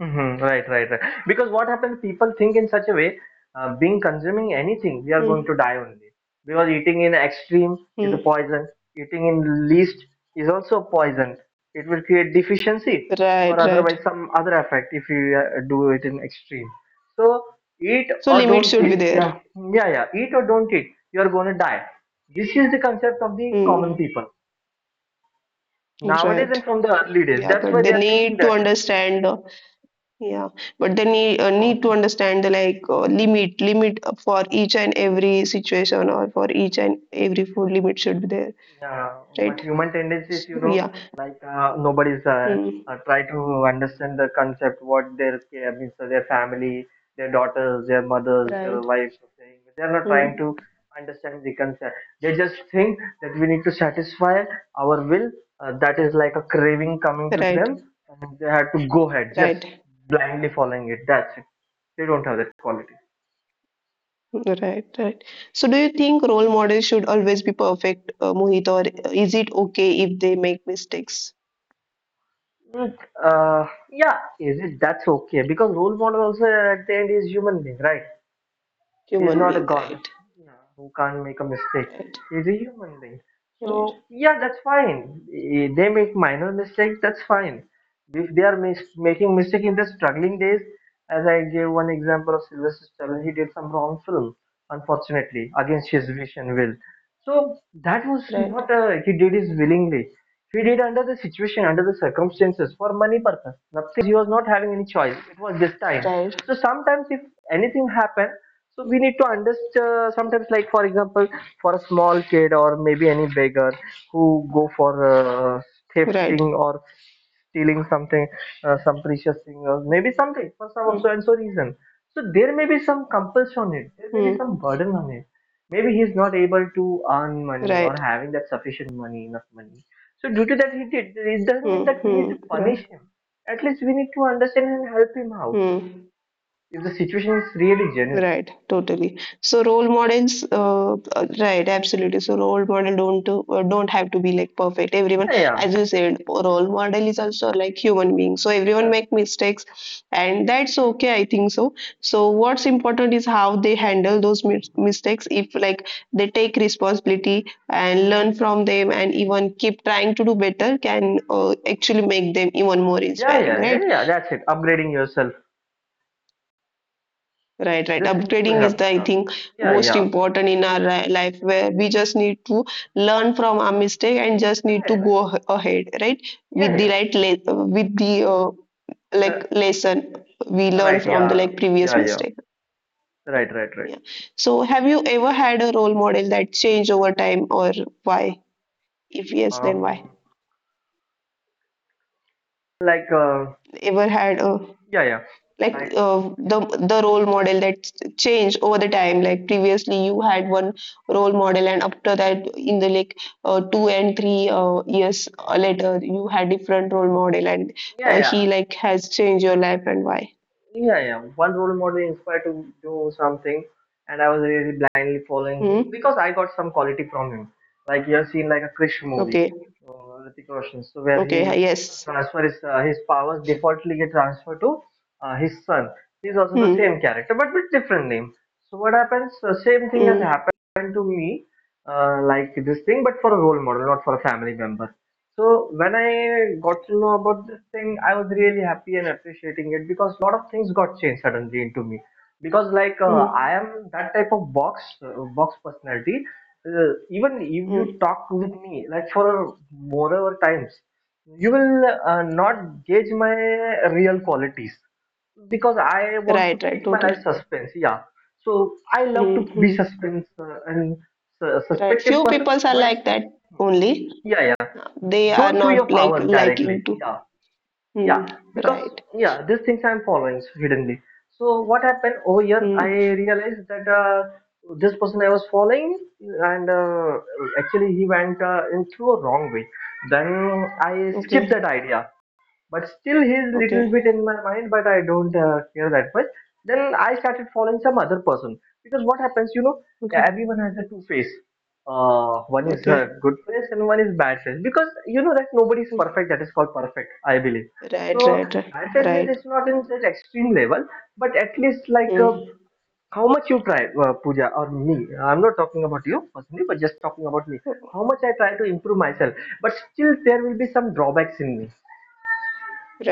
Speaker 2: Mm-hmm. Right, right, right. Because what happens, people think in such a way, uh, being consuming anything, we are
Speaker 1: Hmm,
Speaker 2: going to die only. Because eating in extreme is
Speaker 1: hmm.
Speaker 2: a poison. Eating in least is also a poison. It will create deficiency or
Speaker 1: Right,
Speaker 2: otherwise
Speaker 1: right.
Speaker 2: some other effect if you uh, do it in extreme. So eat
Speaker 1: So
Speaker 2: or
Speaker 1: limits
Speaker 2: don't
Speaker 1: should be
Speaker 2: eat.
Speaker 1: there.
Speaker 2: Yeah, yeah, yeah. Eat or don't eat. You are going to die. This is the concept of the common
Speaker 1: Hmm,
Speaker 2: people nowadays
Speaker 1: right,
Speaker 2: and from the early days.
Speaker 1: yeah,
Speaker 2: That's
Speaker 1: but
Speaker 2: why
Speaker 1: they
Speaker 2: they are thinking
Speaker 1: need to
Speaker 2: that.
Speaker 1: understand, uh, yeah, but they need, uh,
Speaker 2: No.
Speaker 1: need to understand the like uh, limit. Limit for each and every situation, or for each and every food, limit should be there,
Speaker 2: Yeah,
Speaker 1: right?
Speaker 2: but human
Speaker 1: So
Speaker 2: tendencies, you know,
Speaker 1: yeah.
Speaker 2: like uh, nobody's uh,
Speaker 1: Hmm,
Speaker 2: uh, try to understand the concept, what their care means to their family, their daughters, their mothers, their
Speaker 1: right.
Speaker 2: wives are saying. They're not
Speaker 1: Hmm,
Speaker 2: trying to understand the concept. They just think that we need to satisfy our will. Uh, that is like a craving coming to them,
Speaker 1: right,
Speaker 2: and they have to go ahead, just
Speaker 1: right.
Speaker 2: blindly following it. That's it. They don't have that quality.
Speaker 1: Right, right. So, do you think role models should always be perfect, uh, Mohit, or is it okay if they make mistakes?
Speaker 2: Mm, Uh, yeah, is it that's okay, because role model also at the end is human being, right? He is
Speaker 1: Human
Speaker 2: not a
Speaker 1: being,
Speaker 2: god
Speaker 1: right,
Speaker 2: uh, who can't make a mistake.
Speaker 1: right,
Speaker 2: He is a human being.
Speaker 1: right,
Speaker 2: So yeah, that's fine. Eh, They make minor mistakes. That's fine. If they are mis- making mistake in the struggling days, as I gave one example of Sylvester Stallone, he did some wrong film, unfortunately, against his wish and will. So that was not a, he did it willingly. He did under the situation, under the circumstances, for money purpose, nothing else, because he was not having any choice. It was this time.
Speaker 1: right,
Speaker 2: So
Speaker 1: right,
Speaker 2: sometimes, if anything happen, so we need to understand. Sometimes, like for example, for a small kid or maybe any beggar who go for uh,
Speaker 1: right,
Speaker 2: thefting or stealing something, uh, some precious thing, or maybe something for some
Speaker 1: mm,
Speaker 2: so and so reason. So there may be some compulsion on it. There may be
Speaker 1: mm,
Speaker 2: some burden on it. Maybe he's not able to earn money or
Speaker 1: right,
Speaker 2: having that sufficient money, enough money. So due to that, he did. It doesn't mean
Speaker 1: mm,
Speaker 2: that we need to
Speaker 1: mm, right,
Speaker 2: punish him. At least we need to understand and help him out
Speaker 1: mm.
Speaker 2: if the situation is really genuine.
Speaker 1: Right, totally. So role models, uh, uh, right, absolutely. So role model don't to, uh, don't have to be like perfect. Everyone,
Speaker 2: Yeah, yeah,
Speaker 1: as you said, role model is also like human being. So everyone
Speaker 2: yeah,
Speaker 1: make mistakes, and that's okay, I think so. So what's important is how they handle those mis- mistakes. If like they take responsibility and learn from them, and even keep trying to do better, can uh, actually make them even more
Speaker 2: yeah,
Speaker 1: inspiring,
Speaker 2: yeah,
Speaker 1: right?
Speaker 2: yeah, yeah. That's it. Upgrading yourself.
Speaker 1: Right, right.
Speaker 2: These things could
Speaker 1: Upgrading is
Speaker 2: happen,
Speaker 1: the, I
Speaker 2: yeah.
Speaker 1: think,
Speaker 2: Yeah,
Speaker 1: most
Speaker 2: yeah.
Speaker 1: important in our ri- life, where we just need to learn from our mistake and just need to
Speaker 2: Right, right.
Speaker 1: go ah- ahead, right?
Speaker 2: Yeah,
Speaker 1: With the
Speaker 2: yeah.
Speaker 1: right, le- with the uh, like lesson we
Speaker 2: Uh,
Speaker 1: learn
Speaker 2: right,
Speaker 1: from the
Speaker 2: yeah.
Speaker 1: like previous
Speaker 2: Yeah, yeah.
Speaker 1: mistake.
Speaker 2: Right, right, right.
Speaker 1: Yeah. So, have you ever had a role model that changed over time, or why? If yes, then why?
Speaker 2: Um, like, uh,
Speaker 1: Ever had a
Speaker 2: yeah, yeah.
Speaker 1: like
Speaker 2: Like,
Speaker 1: uh, the the role model that changed over the time, like previously you had one role model, and after that in the like uh, two and three uh, years uh, later you had different role model, and
Speaker 2: yeah,
Speaker 1: uh, he
Speaker 2: yeah.
Speaker 1: like has changed your life and why?
Speaker 2: Yeah, yeah. One role model inspired to do something, and I was really blindly following him
Speaker 1: Hmm?
Speaker 2: because I got some quality from him. Like you have seen, like a Krish movie,
Speaker 1: Okay,
Speaker 2: uh, Hrithik Roshan, so where
Speaker 1: okay,
Speaker 2: he uh,
Speaker 1: yes.
Speaker 2: transfer his uh, his powers defaultly get transferred to uh, his son. He's also the same
Speaker 1: Hmm,
Speaker 2: character, but with different name. So what happens? The same thing has
Speaker 1: hmm,
Speaker 2: happened to me, uh, like this thing, but for a role model, not for a family member. So when I got to know about this thing, I was really happy and appreciating it, because a lot of things got changed suddenly into me. Because like uh,
Speaker 1: hmm,
Speaker 2: I am that type of box uh, box personality. Uh, even if
Speaker 1: hmm.
Speaker 2: you talk with me, like, for more over times, you will uh, not gauge my real qualities, because I want to
Speaker 1: Right, right,
Speaker 2: keep my
Speaker 1: totally.
Speaker 2: life suspense. Yeah, so I love
Speaker 1: Hmm,
Speaker 2: to be
Speaker 1: hmm.
Speaker 2: suspense uh, and su-
Speaker 1: Right. Few
Speaker 2: suspected person,
Speaker 1: peoples are
Speaker 2: but
Speaker 1: like that only,
Speaker 2: yeah, yeah.
Speaker 1: they are
Speaker 2: Don't show your
Speaker 1: not like
Speaker 2: powers directly.
Speaker 1: liking to.
Speaker 2: Yeah, yeah,
Speaker 1: Hmm,
Speaker 2: because,
Speaker 1: right.
Speaker 2: yeah, these things I'm following hiddenly. So what happened over here, I
Speaker 1: Hmm,
Speaker 2: realized that uh, this person I was following, and uh, actually he went uh, in through a wrong way. Then I skipped
Speaker 1: okay.
Speaker 2: that idea, but still he's
Speaker 1: Okay,
Speaker 2: little bit in my mind, but I don't uh, care that much. Then I started following some other person, because what happens, you know,
Speaker 1: okay,
Speaker 2: everyone has a two face. Uh, one is a
Speaker 1: okay.
Speaker 2: good face and one is bad face. Because you know that nobody is
Speaker 1: Mm,
Speaker 2: perfect, that is called perfect, I believe so.
Speaker 1: right, right, right,
Speaker 2: Bad taste means
Speaker 1: right.
Speaker 2: it's not in that extreme level, but at least, like uh,
Speaker 1: Mm,
Speaker 2: how much you try, uh, Pooja or me. I'm not talking about you personally, but just talking about me. How much I try to improve myself, but still there will be some drawbacks in me.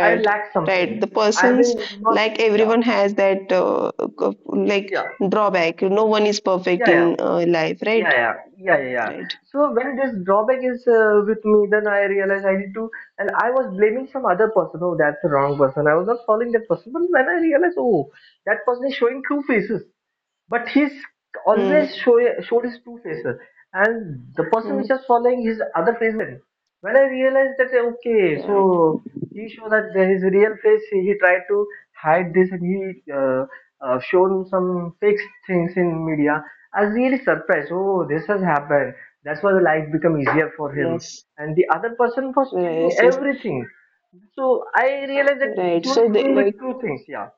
Speaker 2: I lack
Speaker 1: right.
Speaker 2: something.
Speaker 1: The
Speaker 2: I
Speaker 1: persons,
Speaker 2: will not.
Speaker 1: like
Speaker 2: Yeah,
Speaker 1: everyone has that, uh, co- like
Speaker 2: yeah,
Speaker 1: drawback. No one is perfect
Speaker 2: yeah, yeah,
Speaker 1: in uh, life. Right,
Speaker 2: yeah, yeah, yeah, yeah, yeah.
Speaker 1: right.
Speaker 2: So when this drawback is uh, with me, then I realize I need to, and I was blaming some other person. Oh, that's the wrong person. I was not following that person. But when I realized, oh, that person is showing two faces, but he's
Speaker 1: Hmm,
Speaker 2: always show, showed his two faces, and the person
Speaker 1: hmm,
Speaker 2: which was following, his other face was hidden. When I realized that, okay, so
Speaker 1: right.
Speaker 2: he showed that his real face, he tried to hide this, and he uh, uh, showed some fake things in media. I was really surprised, oh, this has happened. That's why the life become easier for him,
Speaker 1: Yes,
Speaker 2: and the other person was telling
Speaker 1: yes, yes,
Speaker 2: everything. So I realized that
Speaker 1: right.
Speaker 2: he was
Speaker 1: So they
Speaker 2: coming
Speaker 1: like.
Speaker 2: with two things. Yeah,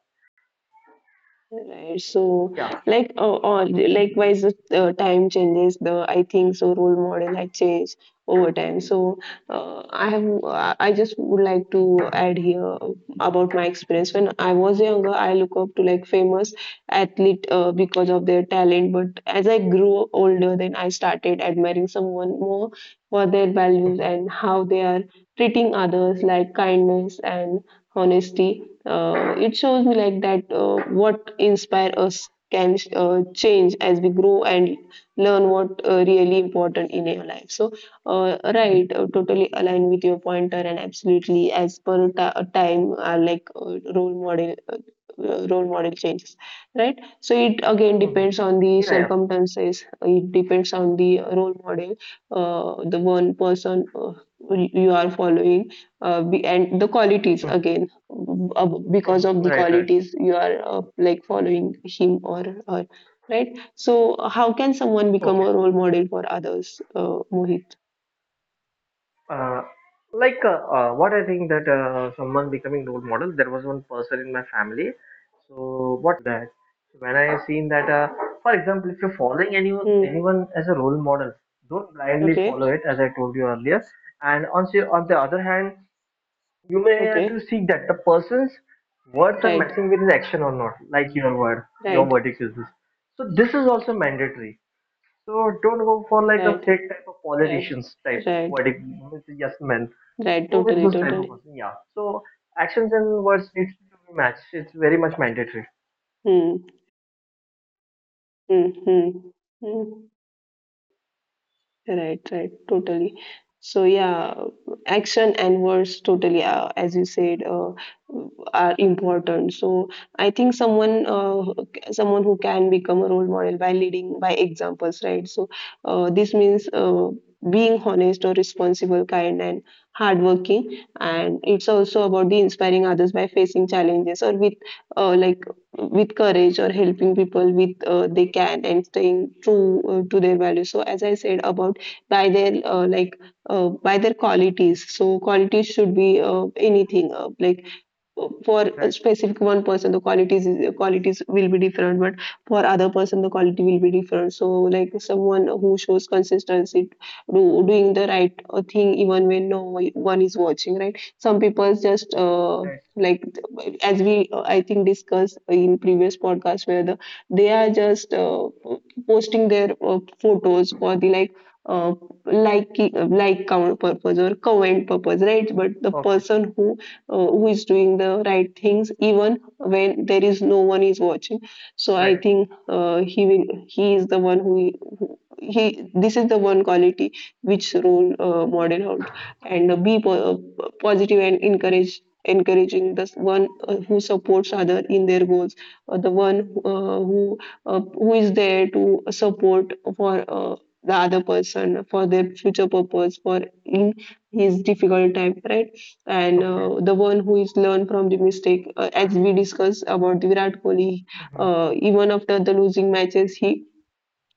Speaker 1: Right. So,
Speaker 2: yeah.
Speaker 1: like, uh, all likewise, the uh, time changes. The I think so role model had changed over time. So, uh, I have uh, I just would like to add here about my experience. When I was younger, I look up to like famous athlete uh, because of their talent. But as I grew older, then I started admiring someone more for their values and how they are treating others, like kindness and honesty. Uh, it shows me like that uh, what inspire us can uh, change as we grow and learn what uh, really important in your life. So uh, right, uh, totally aligned with your pointer, and absolutely, as per ta- time uh, like uh, role model uh, role model changes, right? So it again
Speaker 2: Mhm.
Speaker 1: depends on the
Speaker 2: Yeah, yeah.
Speaker 1: circumstances, it depends on the role model, uh, the one person uh, you are following, uh, be- and the qualities, again, uh, because
Speaker 2: Mhm.
Speaker 1: of the
Speaker 2: Right, right.
Speaker 1: qualities you are uh, like following him or her, right? So how can someone become
Speaker 2: Okay.
Speaker 1: a role model for others, uh, Mohit?
Speaker 2: Uh, like uh, uh, what I think that uh, someone becoming role model, there was one person in my family. So what he used to say, do this and that, uh, don't uh, do this and don't do that. So when I have seen that, uh, for example, if you're following any
Speaker 1: Hmm,
Speaker 2: anyone as a role model, don't blindly follow
Speaker 1: okay,
Speaker 2: it, as I told you earlier. And on the on the other hand, you may have to
Speaker 1: okay,
Speaker 2: seek that the person's words are
Speaker 1: right,
Speaker 2: matching with his action or not, like your word, your
Speaker 1: right,
Speaker 2: verdict is this. So this is also mandatory. So don't go for like a
Speaker 1: right,
Speaker 2: fake type of
Speaker 1: right,
Speaker 2: politicians type
Speaker 1: right,
Speaker 2: verdict with the yes men.
Speaker 1: right,
Speaker 2: Go with
Speaker 1: totally,
Speaker 2: those type
Speaker 1: totally.
Speaker 2: of person, yeah. So actions and words needs to be matched. It's very much mandatory.
Speaker 1: Mm, mhm, mm, mm. Right, right, totally. So yeah, action and words totally, uh, as you said, uh, are important. So I think someone, uh, someone who can become a role model by leading by examples, right? So uh, this means uh, being honest or responsible, kind and hardworking, and it's also about the inspiring others by facing challenges or with, uh, like with courage, or helping people with uh, they can, and staying true uh, to their values. So as I said, about by their uh, like uh, by their qualities, so qualities should be uh, anything, uh, like for a
Speaker 2: Right.
Speaker 1: specific one person the qualities is, qualities will be different, but for other person the quality will be different. So like someone who shows consistency, do, doing the right uh, thing even when no one is watching, right? Some people just uh,
Speaker 2: Right.
Speaker 1: like as we, uh, I think discussed in previous podcast, where the they are just uh, posting their uh, photos for the like uh, like like count purpose or comment purpose, right? But the
Speaker 2: Okay.
Speaker 1: person who uh, who is doing the right things even when there is no one is watching, so I
Speaker 2: Right.
Speaker 1: think uh, he will he is the one who he, this is the one quality which role uh, model out, and uh, be po- uh, positive and encourage, encouraging the one uh, who supports other in their goals, uh, the one uh, who uh, who is there to support for uh, the other person for their future purpose, for in his difficult time, right? And
Speaker 2: Okay.
Speaker 1: uh, the one who is learn from the mistake, uh, as we discussed about the Virat Kohli,
Speaker 2: Hmm.
Speaker 1: uh, even after the losing matches he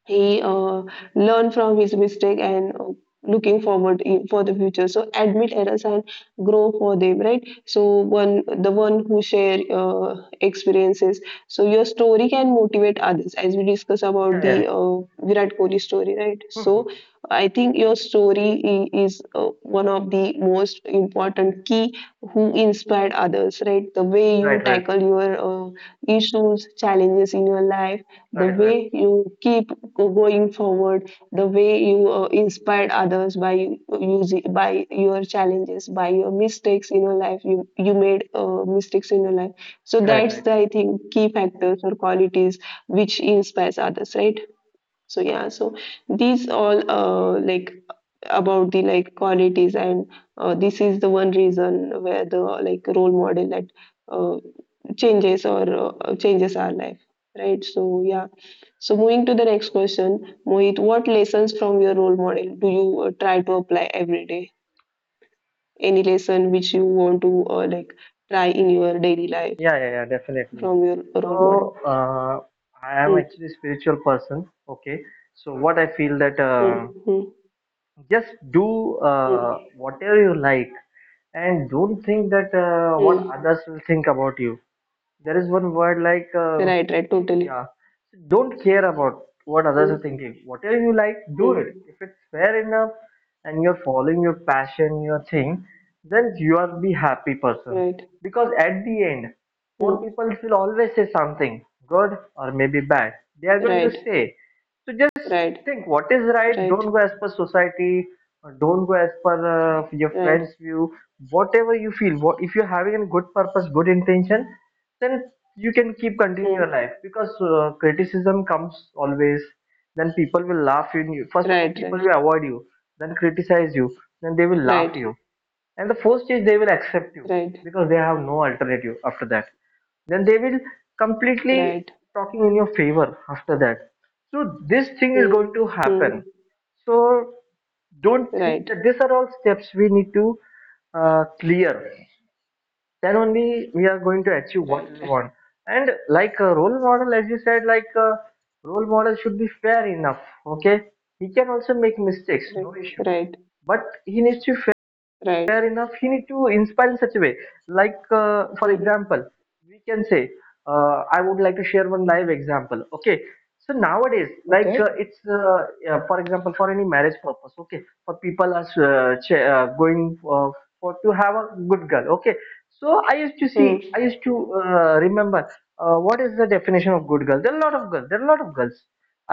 Speaker 1: he uh, learn from his mistake and uh, looking forward in, for the future, so admit errors and grow for them, right? So one, the one who share uh, experiences, so your story can motivate others, as we discuss about
Speaker 2: Yeah.
Speaker 1: the
Speaker 2: Yeah.
Speaker 1: uh, Virat Kohli story, right? So
Speaker 2: Hmm.
Speaker 1: I think your story i- is uh, one of the most important key who inspired others, right? The way you
Speaker 2: Right. Right.
Speaker 1: tackle your uh, issues, challenges in your life, the
Speaker 2: Right. Right.
Speaker 1: way you keep go- going forward, the way you uh, inspired others by u- using by your challenges, by your mistakes in your life, you you made uh, mistakes in your life. So
Speaker 2: Right.
Speaker 1: that's
Speaker 2: Right.
Speaker 1: the, I think, key factors or qualities which inspires others, right? So yeah, so these all uh, like about the like qualities, and uh, this is the one reason where the like role model that uh, changes or uh, changes our life, right? So yeah, so moving to the next
Speaker 2: Okay.
Speaker 1: question, Mohit, what lessons from your role model do you uh, try to apply every day? Any lesson which you want to uh, like try in your daily life
Speaker 2: Yeah, yeah, yeah, definitely.
Speaker 1: from your role model?
Speaker 2: So, uh, I am
Speaker 1: Hmm,
Speaker 2: actually spiritual person. Okay. So what I feel that
Speaker 1: hmm,
Speaker 2: uh,
Speaker 1: hmm,
Speaker 2: just do
Speaker 1: hmm,
Speaker 2: uh, whatever you like and don't think that uh, what
Speaker 1: hmm.
Speaker 2: others will think about you. There is one word like uh,
Speaker 1: Right, right, totally.
Speaker 2: yeah. So don't care about what others
Speaker 1: Hmm,
Speaker 2: are thinking. Whatever you like, do
Speaker 1: hmm,
Speaker 2: it. If it's fair enough and you're following your passion, your thing, then you are be happy person.
Speaker 1: right,
Speaker 2: Because at the end, more
Speaker 1: hmm,
Speaker 2: people will always say something good or maybe bad. They are going to
Speaker 1: right,
Speaker 2: say. So just
Speaker 1: right,
Speaker 2: think what is right.
Speaker 1: right,
Speaker 2: Don't go as per society, or don't go as per uh, your
Speaker 1: right,
Speaker 2: friends' view. Whatever you feel, what if you're having a good purpose, good intention, then you can keep continuing your
Speaker 1: hmm,
Speaker 2: life because uh, criticism comes always. Then people will laugh in you. First of all,
Speaker 1: right,
Speaker 2: people
Speaker 1: right,
Speaker 2: will avoid you. Then criticize you. Then they will laugh
Speaker 1: right,
Speaker 2: you, and the first is they will accept you
Speaker 1: right,
Speaker 2: because they have no alternative. After that, then they will completely
Speaker 1: right,
Speaker 2: talking in your favor. After that, so this thing is
Speaker 1: hmm,
Speaker 2: going to
Speaker 1: hmm,
Speaker 2: happen. So don't think
Speaker 1: right,
Speaker 2: that these are all steps we need to uh, clear, then only we are going to achieve what
Speaker 1: right,
Speaker 2: we want. And like a role model, as you said, like a role model should be fair enough. Okay, he can also make mistakes,
Speaker 1: right,
Speaker 2: no issue,
Speaker 1: right,
Speaker 2: but he needs to be
Speaker 1: right.
Speaker 2: fair enough. He need to inspire in such a way, like uh, for
Speaker 1: Hmm,
Speaker 2: example, we can say uh, I would like to share one live example. Okay. So nowadays, like
Speaker 1: okay,
Speaker 2: uh, it's uh, yeah, for example, for any marriage purpose, okay, for people are uh, ch- uh, going uh, for to have a good girl. Okay. So I used to see,
Speaker 1: hmm,
Speaker 2: I used to uh, remember uh, what is the definition of good girl. There are a lot of girls, there are a lot of girls,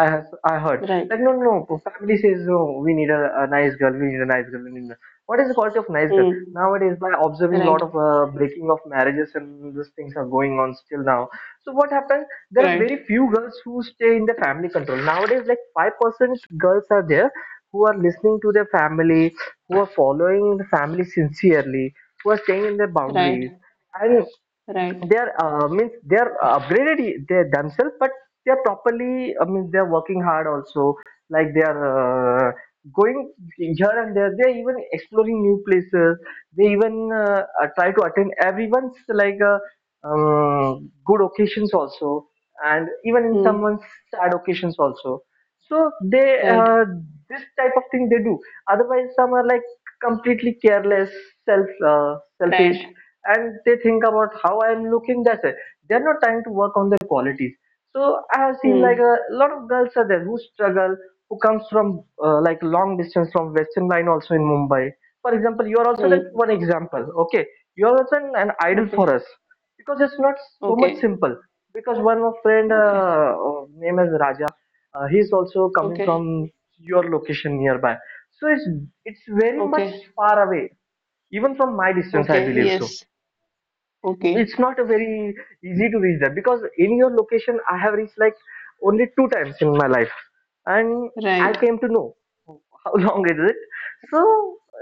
Speaker 2: i have i heard,
Speaker 1: right,
Speaker 2: like no, no, no, family says, oh, we need a, a nice girl, we need a nice girl, we need a nice girl. What is the quality of nice girl
Speaker 1: hmm,
Speaker 2: nowadays? By observing a lot
Speaker 1: right,
Speaker 2: of uh, breaking of marriages, and these things are going on still now. So what happens, there are very
Speaker 1: right,
Speaker 2: few girls who stay in the family control nowadays, like five percent girls are there, who are listening to their family, who are following the family sincerely, who are staying in their boundaries,
Speaker 1: right,
Speaker 2: and
Speaker 1: right,
Speaker 2: they're uh, means they're upgraded y- they themselves, but they're properly, I mean, they're working hard also. Like they're uh, going here and there, they're even exploring new places, they even uh, uh, try to attend everyone's, like uh, um, good occasions also, and even in someone's
Speaker 1: hmm,
Speaker 2: sad occasions also. So they uh,
Speaker 1: right,
Speaker 2: this type of thing they do. Otherwise, some are like completely careless, self uh, selfish,
Speaker 1: right.
Speaker 2: and they think about how I'm looking. That's it. They're not trying to work on their qualities. So I have seen like
Speaker 1: Hmm,
Speaker 2: a lot of girls are there who struggle, who comes from uh, like long distance from Western Line also in Mumbai. For example, you are also that
Speaker 1: hmm,
Speaker 2: one example. Okay, you are also an, an idol for
Speaker 1: okay,
Speaker 2: us, because it's not so much
Speaker 1: okay,
Speaker 2: simple. Because one of friend
Speaker 1: okay,
Speaker 2: uh, uh, name is Raja, uh, he's also coming
Speaker 1: okay,
Speaker 2: from your location nearby. So it's it's very much
Speaker 1: okay,
Speaker 2: far away, even from my distance, I
Speaker 1: okay,
Speaker 2: believe. So
Speaker 1: yes, okay,
Speaker 2: it's not a very easy to reach that, because in your location I have reached like only two times in my life, and I
Speaker 1: right,
Speaker 2: came to know how long is it. So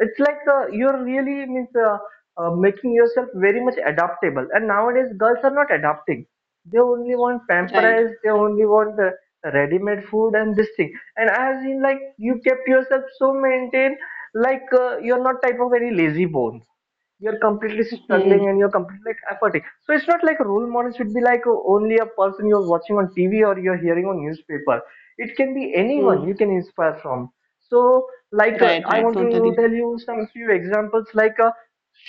Speaker 2: it's like uh, you're really means uh, uh, making yourself very much adaptable. And nowadays girls are not adapting. They only want
Speaker 1: right,
Speaker 2: pampers, they only want the ready-made food and this thing. And I have seen like you kept yourself so maintained, like uh, you're not type of any lazy bones, you're completely
Speaker 1: hmm,
Speaker 2: struggling and you're completely like efforting. So it's not like role model should be like uh, only a person you're watching on T V or you're hearing on newspaper. It can be
Speaker 1: hmm,
Speaker 2: anyone you can inspire from. So like uh,
Speaker 1: right,
Speaker 2: I
Speaker 1: right,
Speaker 2: want to
Speaker 1: totally,
Speaker 2: tell you some few examples. Like uh,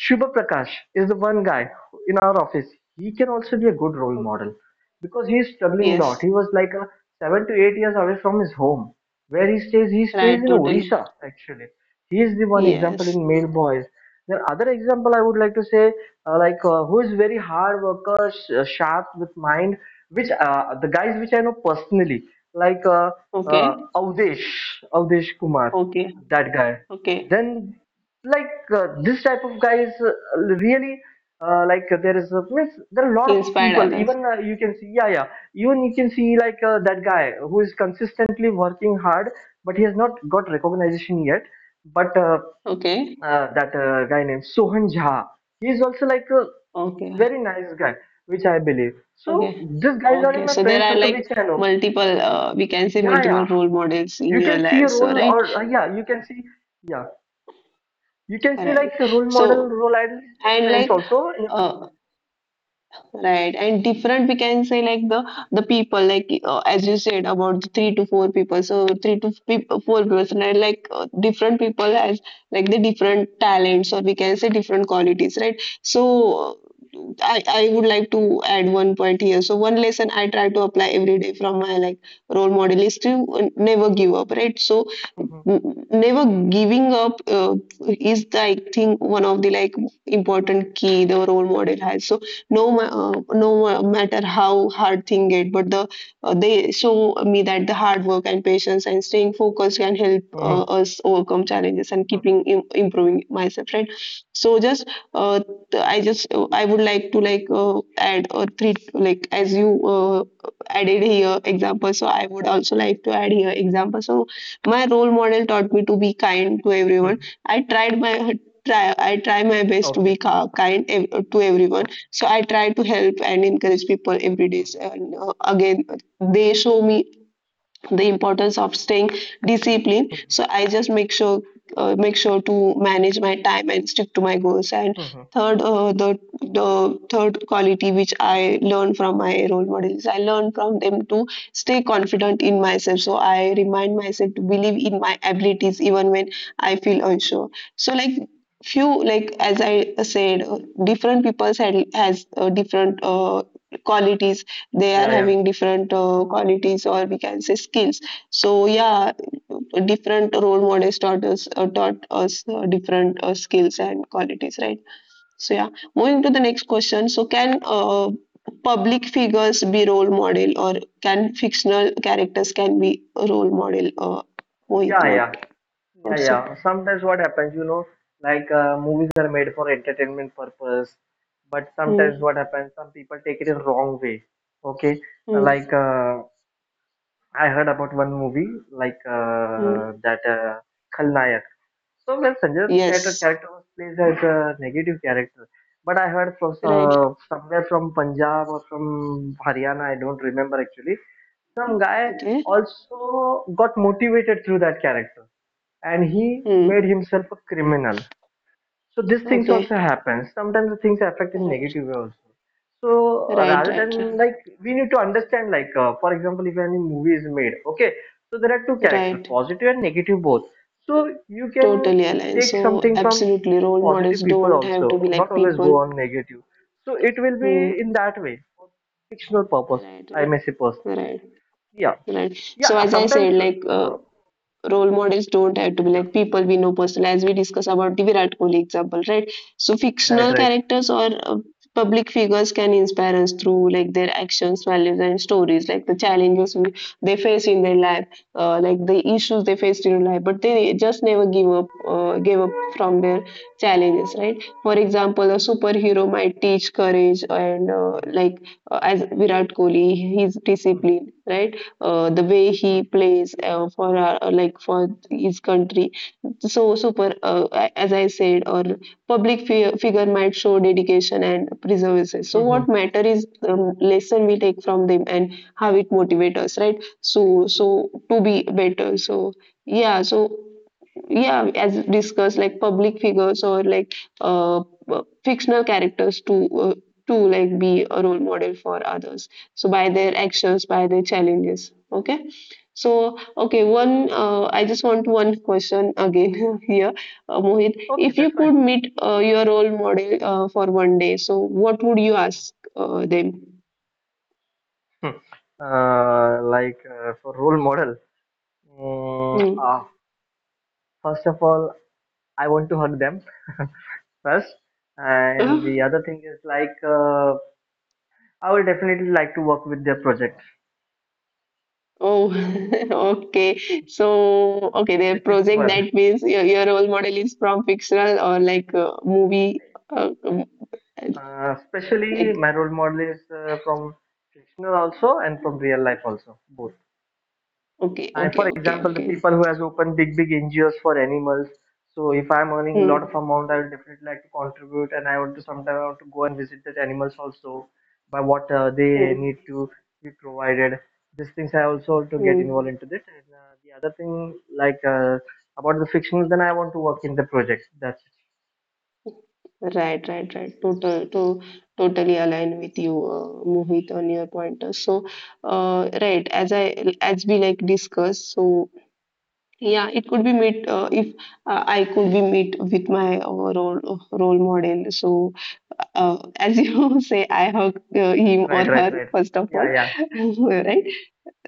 Speaker 2: Shubha Prakash is the one guy in our office. He can also be a good role
Speaker 1: okay,
Speaker 2: model, because he is struggling a lot.
Speaker 1: yes,
Speaker 2: He was like uh, seven to eight years away from his home where he stays. He stays
Speaker 1: right,
Speaker 2: in
Speaker 1: totally,
Speaker 2: Odisha actually. He is the one example
Speaker 1: yes,
Speaker 2: in male boys. Then other example I would like to say, uh, like uh, who is very hard worker, sh- uh, sharp with mind, which uh, the guys which I know personally, like uh,
Speaker 1: okay,
Speaker 2: uh, Avdesh, Avdesh Kumar,
Speaker 1: okay,
Speaker 2: that guy.
Speaker 1: okay.
Speaker 2: Then like uh, this type of guys uh, really uh, like uh, there is a means there are a lot of
Speaker 1: Inspired
Speaker 2: people,
Speaker 1: others.
Speaker 2: even uh, you can see, yeah, yeah, even you can see like uh, that guy who is consistently working hard but he has not got recognition yet. But uh,
Speaker 1: Okay,
Speaker 2: uh, that uh, guy named Sohan Jha. He's also like a
Speaker 1: okay,
Speaker 2: very nice guy, which I believe. So
Speaker 1: okay,
Speaker 2: these guys are in
Speaker 1: okay.
Speaker 2: my
Speaker 1: So there
Speaker 2: friend
Speaker 1: are
Speaker 2: circle,
Speaker 1: like
Speaker 2: which I know.
Speaker 1: multiple, uh, we can say,
Speaker 2: Yeah,
Speaker 1: multiple
Speaker 2: yeah.
Speaker 1: role models in
Speaker 2: You
Speaker 1: your
Speaker 2: can see
Speaker 1: life,
Speaker 2: a
Speaker 1: so
Speaker 2: role,
Speaker 1: right?
Speaker 2: or uh, yeah, you can see, yeah, you can
Speaker 1: All
Speaker 2: see
Speaker 1: right.
Speaker 2: like the role model,
Speaker 1: So,
Speaker 2: role idol, is your
Speaker 1: and
Speaker 2: friends
Speaker 1: like,
Speaker 2: also, and your colleagues also.
Speaker 1: uh, right, and different, we can say, like the the people, like uh, as you said, about the three to four people. So three to peop four people, right? Like uh, different people has like the different talents, or we can say different qualities, right? So uh, I I would like to add one point here. So one lesson I try to apply every day from my like role model is to uh, never give up, right? So
Speaker 2: Mm-hmm.
Speaker 1: n- never giving up uh, is the, i think one of the like important key the role model has. So no ma- uh, no ma- matter how hard thing get, but the uh, they show me that the hard work and patience and staying focused can help uh,
Speaker 2: Mm-hmm.
Speaker 1: us overcome challenges and
Speaker 2: Okay.
Speaker 1: keeping im- improving myself, right? So just uh, th- i just uh, i would like to like uh, add or three, like as you uh, added here example. So I would also like to add here example. So my role model taught me to be kind to everyone.
Speaker 2: Mhm.
Speaker 1: I tried my try I try my best to be
Speaker 2: Okay.
Speaker 1: ca- kind ev- to everyone.
Speaker 2: Okay.
Speaker 1: So I try to help and encourage people every day.
Speaker 2: Mm-hmm.
Speaker 1: And uh, again, they show me the importance of staying disciplined. So i just make sure uh, make sure to manage my time and stick to my goals. And
Speaker 2: Mm-hmm.
Speaker 1: third, uh, the the third quality which i learned from my role models, I learned from them to stay confident in myself. So I remind myself to believe in my abilities even when I feel unsure. So like few, like as I said, uh, different people had has uh, different uh, qualities. They are
Speaker 2: Yeah, yeah,
Speaker 1: having different uh, qualities, or we can say skills. So yeah, different role models taught us uh, taught us uh, different uh, skills and qualities, right? So yeah, moving to the next question. So can uh, public figures be role model, or can fictional characters can be a role model, uh, Mohit?
Speaker 2: yeah,
Speaker 1: What
Speaker 2: yeah. Yeah,
Speaker 1: would say?
Speaker 2: yeah. Sometimes what happens, you know, like uh, movies are made for entertainment purpose, but sometimes
Speaker 1: Hmm,
Speaker 2: what happens, some people take it in wrong way. Okay,
Speaker 1: hmm,
Speaker 2: like uh, I heard about one movie, like
Speaker 1: hmm.
Speaker 2: uh, that uh, Khalnayak. So when Sanjay's character
Speaker 1: Yes,
Speaker 2: character was played as a negative character, but I heard from
Speaker 1: right.
Speaker 2: uh, somewhere from Punjab or from Haryana, I don't remember actually. Some guy
Speaker 1: Okay.
Speaker 2: also got motivated through that character, and he made
Speaker 1: Hmm.
Speaker 2: himself a criminal. So these things
Speaker 1: Okay.
Speaker 2: also happen, sometimes the things affect in
Speaker 1: Right,
Speaker 2: negative way also. So uh,
Speaker 1: right,
Speaker 2: rather
Speaker 1: right,
Speaker 2: than, like we need to understand, like uh, for example, if any movie is made, okay, so there are two
Speaker 1: right,
Speaker 2: characters,
Speaker 1: right.
Speaker 2: positive and negative, both. So you can
Speaker 1: Totally aligned.
Speaker 2: take
Speaker 1: So
Speaker 2: something from
Speaker 1: absolutely, role models
Speaker 2: positive people
Speaker 1: don't have
Speaker 2: also,
Speaker 1: to be
Speaker 2: not
Speaker 1: like
Speaker 2: always go
Speaker 1: people.
Speaker 2: on negative. So it will be
Speaker 1: Hmm.
Speaker 2: in that way for fictional purpose,
Speaker 1: Right,
Speaker 2: I
Speaker 1: right,
Speaker 2: may say personally.
Speaker 1: right,
Speaker 2: Yeah,
Speaker 1: right. So
Speaker 2: yeah,
Speaker 1: as I said,
Speaker 2: sometimes
Speaker 1: like uh,
Speaker 2: uh,
Speaker 1: role models don't have to be
Speaker 2: yeah,
Speaker 1: like people we know personally, as we discuss about the Virat Kohli example, right? So
Speaker 2: right,
Speaker 1: fictional
Speaker 2: right,
Speaker 1: characters or uh, public figures can inspire us through like their actions, values, and stories, like the challenges we, they face in their life, uh, like the issues they faced in life, but they just never give up, uh, gave up from their challenges, right? For example,
Speaker 2: yeah.
Speaker 1: a superhero might teach courage and uh, like uh, as Virat Kohli, his
Speaker 2: Mhm.
Speaker 1: discipline, right? Uh, the way he plays uh, for our, uh, like for his country. So super, uh, as I said, or public fi- figure might show dedication and perseverance. So
Speaker 2: Mm-hmm.
Speaker 1: what matter is the lesson we take from them and how it motivates us, right? So so to be better. So yeah, so yeah, as discussed, like public figures or like uh, uh, fictional characters to uh, to like be a role model for others, so by their actions, by their challenges. Okay, so okay, one uh, I just want one question again here. uh, Mohit,
Speaker 2: Okay,
Speaker 1: if you
Speaker 2: that's fine.
Speaker 1: could meet uh, your role model uh, for one day, so what would you ask uh, them?
Speaker 2: Mhm. Uh, like uh, for role model, mm,
Speaker 1: Hmm.
Speaker 2: uh, first of all, I want to hug them first, and the other thing is like uh, I would definitely like to work with their project.
Speaker 1: Oh, okay. So
Speaker 2: Yeah,
Speaker 1: okay, the
Speaker 2: at least
Speaker 1: project,
Speaker 2: one.
Speaker 1: that means your, your role model is from fictional or like a movie, uh, um,
Speaker 2: Uh, especially
Speaker 1: like
Speaker 2: my role model is uh, from fictional also and from real life also, both.
Speaker 1: okay,
Speaker 2: And
Speaker 1: okay,
Speaker 2: for
Speaker 1: okay,
Speaker 2: example, the
Speaker 1: okay.
Speaker 2: people who has opened big big N G Os for animals. So if I'm earning a lot of
Speaker 1: Hmm,
Speaker 2: amount, I would definitely like to contribute, and I want to sometimes I want to go and visit the animals also, by what uh, they
Speaker 1: hmm,
Speaker 2: need to be provided. These things I also want to get involved
Speaker 1: hmm.
Speaker 2: into this. And uh, the other thing, like uh, about the fictions, then I want to work in the project. That's it.
Speaker 1: Right, right, right. Total, to totally align with you, uh, Mohit, on your pointer. So
Speaker 2: Mhm.
Speaker 1: uh, right, as I as we like discussed, so yeah, it could be meet uh, if uh, I could be meet with my uh, role role model. So uh, as you say, I hug uh, him
Speaker 2: Right,
Speaker 1: or
Speaker 2: right,
Speaker 1: her
Speaker 2: right.
Speaker 1: first of all,
Speaker 2: Yeah, yeah.
Speaker 1: right?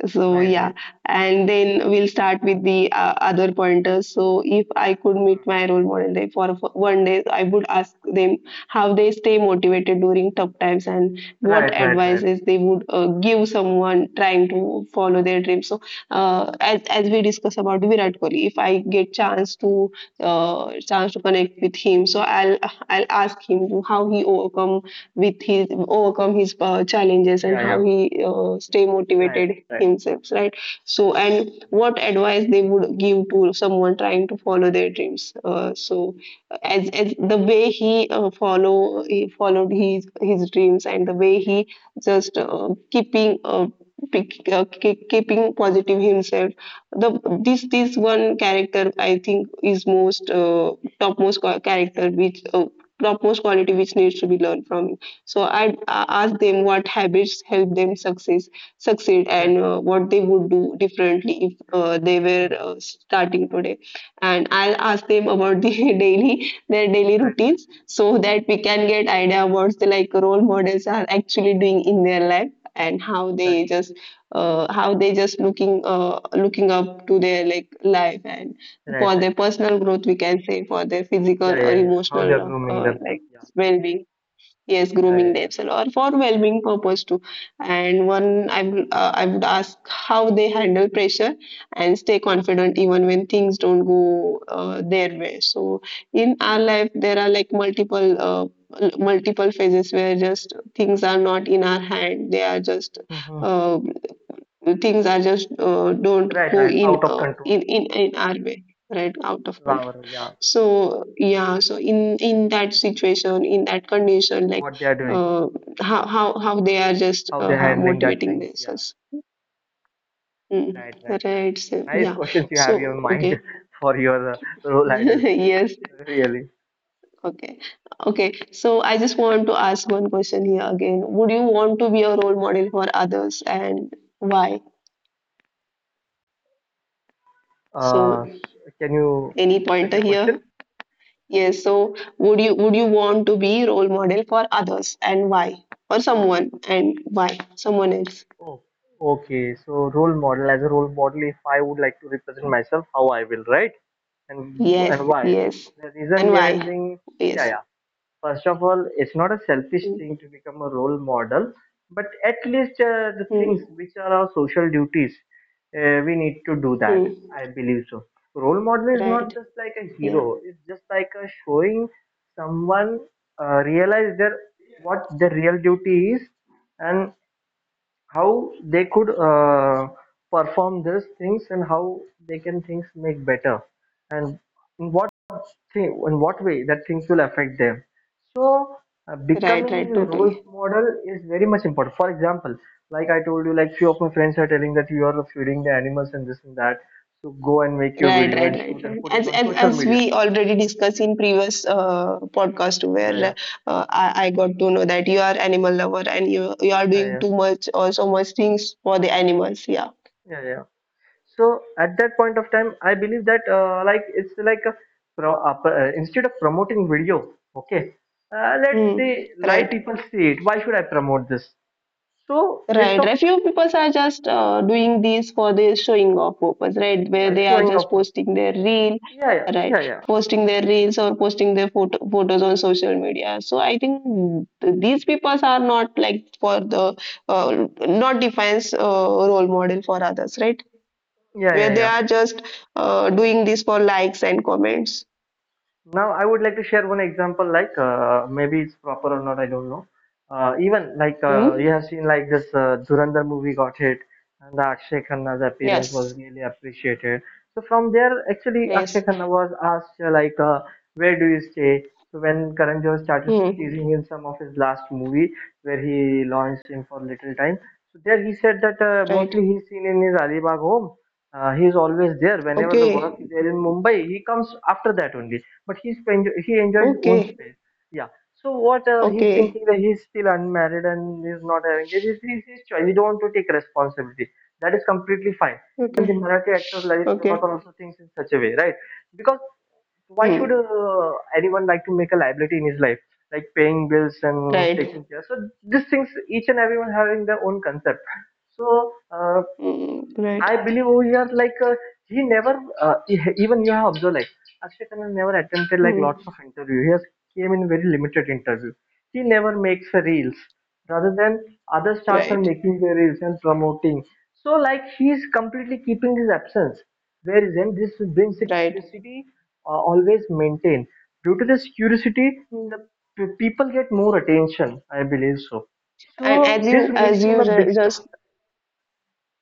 Speaker 1: So
Speaker 2: Right, right,
Speaker 1: yeah,
Speaker 2: right.
Speaker 1: and then we'll start with the uh, other pointers. So if I could
Speaker 2: Uh,
Speaker 1: meet my role model day for for one day, I would ask them how they stay motivated during tough times and what
Speaker 2: right, right, right.
Speaker 1: advices they would uh, give someone trying to follow
Speaker 2: Mhm.
Speaker 1: their dream. So uh, as as we discuss about Virat Kohli, if I get chance to
Speaker 2: Right.
Speaker 1: uh, chance to connect with him, so I'll I'll ask him how he overcome with his overcome his uh, challenges and
Speaker 2: Yeah, yeah.
Speaker 1: how he uh, stay
Speaker 2: Right,
Speaker 1: motivated
Speaker 2: right.
Speaker 1: himself, right? So and what advice they would give to someone trying to follow their dreams. Uh, so as, as the way he uh, follow he followed his his dreams and the way he just uh, keeping uh, pick- uh, keep- keeping positive himself, the this this one character, I think, is most uh, topmost qua- character which uh, topmost quality which needs to be learned from. So I'd uh, ask them what habits help them success succeed
Speaker 2: Yes.
Speaker 1: and uh, what they would do differently if uh, they were uh,
Speaker 2: Mhm.
Speaker 1: starting today, and I'll ask them about the daily their daily
Speaker 2: Right, right.
Speaker 1: routines so that we can get idea what the like role models are actually doing in their life and how
Speaker 2: Right,
Speaker 1: they just uh, how they just looking uh, looking up to their like life and
Speaker 2: right,
Speaker 1: for
Speaker 2: right.
Speaker 1: their personal growth, we can say, for their
Speaker 2: Yeah,
Speaker 1: physical or
Speaker 2: yeah, yeah. How they are
Speaker 1: emotional uh,
Speaker 2: grooming
Speaker 1: uh,
Speaker 2: themselves.
Speaker 1: like
Speaker 2: Yeah,
Speaker 1: well-being. Yes,
Speaker 2: yeah,
Speaker 1: grooming
Speaker 2: yeah,
Speaker 1: themselves or for well-being purpose too. And one, I would, uh, I would ask how they handle pressure and stay confident even when things don't go uh, their way. So in our life, there are like multiple, uh, l- multiple phases where just things are not in our hand. They are just,
Speaker 2: yeah. Hmm.
Speaker 1: uh, things are just uh, don't
Speaker 2: Right,
Speaker 1: go
Speaker 2: right.
Speaker 1: in,
Speaker 2: Out of
Speaker 1: uh,
Speaker 2: control.
Speaker 1: in, in, in our way, right? Out of control.
Speaker 2: Our, yeah.
Speaker 1: So yeah, so in in that situation, in that condition, like
Speaker 2: What they are doing,
Speaker 1: uh, how how how they are just
Speaker 2: how
Speaker 1: uh,
Speaker 2: they're
Speaker 1: how
Speaker 2: handling that
Speaker 1: motivating
Speaker 2: things. Yeah,
Speaker 1: themselves. Mm,
Speaker 2: right, right, right.
Speaker 1: right. So
Speaker 2: Nice
Speaker 1: yeah,
Speaker 2: questions you have in your
Speaker 1: so
Speaker 2: mind
Speaker 1: okay.
Speaker 2: for your uh, role idols.
Speaker 1: Yes,
Speaker 2: Really.
Speaker 1: okay, okay. So I just want to ask one question here again. Would you want to be a role model for others, and why?
Speaker 2: Uh,
Speaker 1: So
Speaker 2: can you
Speaker 1: any
Speaker 2: please repeat
Speaker 1: pointer
Speaker 2: your question?
Speaker 1: here? Yes, so would you would you want to be role model for others and why, or someone and why, someone else?
Speaker 2: Oh, okay. So role model. As a role model, if I would like to represent myself, how I will, right? And
Speaker 1: Yes,
Speaker 2: and why?
Speaker 1: yes.
Speaker 2: The reason
Speaker 1: And
Speaker 2: behind
Speaker 1: why?
Speaker 2: being, yeah,
Speaker 1: Yes.
Speaker 2: yeah. First of all, it's not a selfish
Speaker 1: Mm,
Speaker 2: thing to become a role model, but at least uh, the things
Speaker 1: mm,
Speaker 2: which are our social duties, uh, we need to do that,
Speaker 1: mm.
Speaker 2: I believe. So role model is not
Speaker 1: Right.
Speaker 2: just like a hero,
Speaker 1: Yeah.
Speaker 2: it's just like a showing someone uh, realize their what the real duty is, and how they could uh, perform these things, and how they can things make better, and in what thing, in what way that things will affect them. So uh,
Speaker 1: Right,
Speaker 2: becoming
Speaker 1: right,
Speaker 2: a role
Speaker 1: totally.
Speaker 2: model is very much important. For example, like I told you, like few of my friends are telling that you are feeding the animals and this and that, so go and make your
Speaker 1: Right,
Speaker 2: video
Speaker 1: right,
Speaker 2: and
Speaker 1: right,
Speaker 2: shoot and
Speaker 1: right.
Speaker 2: put it
Speaker 1: As
Speaker 2: on
Speaker 1: as
Speaker 2: social
Speaker 1: as
Speaker 2: media.
Speaker 1: we already discussed in previous uh, podcast,
Speaker 2: Yeah, yeah,
Speaker 1: where uh, I, I got to know that you are animal lover and you you are
Speaker 2: yeah,
Speaker 1: doing
Speaker 2: yeah,
Speaker 1: too much or so much things for the animals. Yeah.
Speaker 2: yeah, yeah. So at that point of time I believe that, uh, like it's like a pro, uh, p- uh, instead of promoting video. Okay. Uh, let the
Speaker 1: Mm,
Speaker 2: live
Speaker 1: right.
Speaker 2: people see it. Why should I promote this? So it's
Speaker 1: Right,
Speaker 2: of,
Speaker 1: right. Few people are just uh, doing this for the showing off purpose, right? Where
Speaker 2: yeah,
Speaker 1: they are
Speaker 2: showing
Speaker 1: just
Speaker 2: off.
Speaker 1: posting their reel,
Speaker 2: Yeah, yeah,
Speaker 1: right?
Speaker 2: yeah, yeah,
Speaker 1: Posting their reels or posting their photo photos on social media. So I think th- these people are not like for the uh, not defines uh, role model for others, right?
Speaker 2: yeah,
Speaker 1: Where
Speaker 2: yeah,
Speaker 1: they are
Speaker 2: yeah.
Speaker 1: just uh, doing this for likes and comments.
Speaker 2: Now, I would like to share one example, like, uh, maybe it's proper or not, I don't know. Uh, even like, uh, you
Speaker 1: Hmm?
Speaker 2: have seen, like this uh, Dhurandhar movie got hit, and the Akshay Khanna's appearance was
Speaker 1: Yes.
Speaker 2: really appreciated. So from there, actually, Akshay
Speaker 1: Yes.
Speaker 2: Khanna was asked, uh, like, uh, "Where do you stay?" So when Karan Johar started
Speaker 1: Hmm.
Speaker 2: teasing him some of his last movie, where he launched him for little time, so there he said that uh,
Speaker 1: Right.
Speaker 2: mostly he's seen in his Alibag home. Uh, he is always there whenever the work
Speaker 1: Okay.
Speaker 2: is there in Mumbai. He comes after that only, but he's he enjoys his own
Speaker 1: Okay.
Speaker 2: space. Yeah. So what uh, he's
Speaker 1: Okay.
Speaker 2: thinking, that he's still unmarried and he's not having, it is his, his choice. He don't want to take responsibility. That is completely fine. Even the
Speaker 1: Okay.
Speaker 2: Marathi actor Lalit
Speaker 1: Okay.
Speaker 2: Prabhakar also thinks in such a way, right? Because why should
Speaker 1: Hmm.
Speaker 2: uh, anyone like to make a liability in his life, like paying bills and
Speaker 1: Right.
Speaker 2: taking care? So these things, each and everyone having their own concept. So uh,
Speaker 1: Mm, right.
Speaker 2: I believe over here, like uh, he never, uh, e- even you have observed, like Akshay Khanna never attempted like lots of
Speaker 1: Mm,
Speaker 2: interview. He has came in very limited interview. He never makes a reels, rather than other stars are
Speaker 1: right,
Speaker 2: making their reels and promoting. So like he is completely keeping his absence. Whereas then this brings the
Speaker 1: right.
Speaker 2: curiosity, uh, always maintained. Due to this curiosity, the
Speaker 1: Mm.
Speaker 2: p- people get more attention. I believe so.
Speaker 1: and as
Speaker 2: So this
Speaker 1: you
Speaker 2: makes
Speaker 1: as
Speaker 2: him
Speaker 1: you
Speaker 2: a big
Speaker 1: ju-
Speaker 2: star.
Speaker 1: just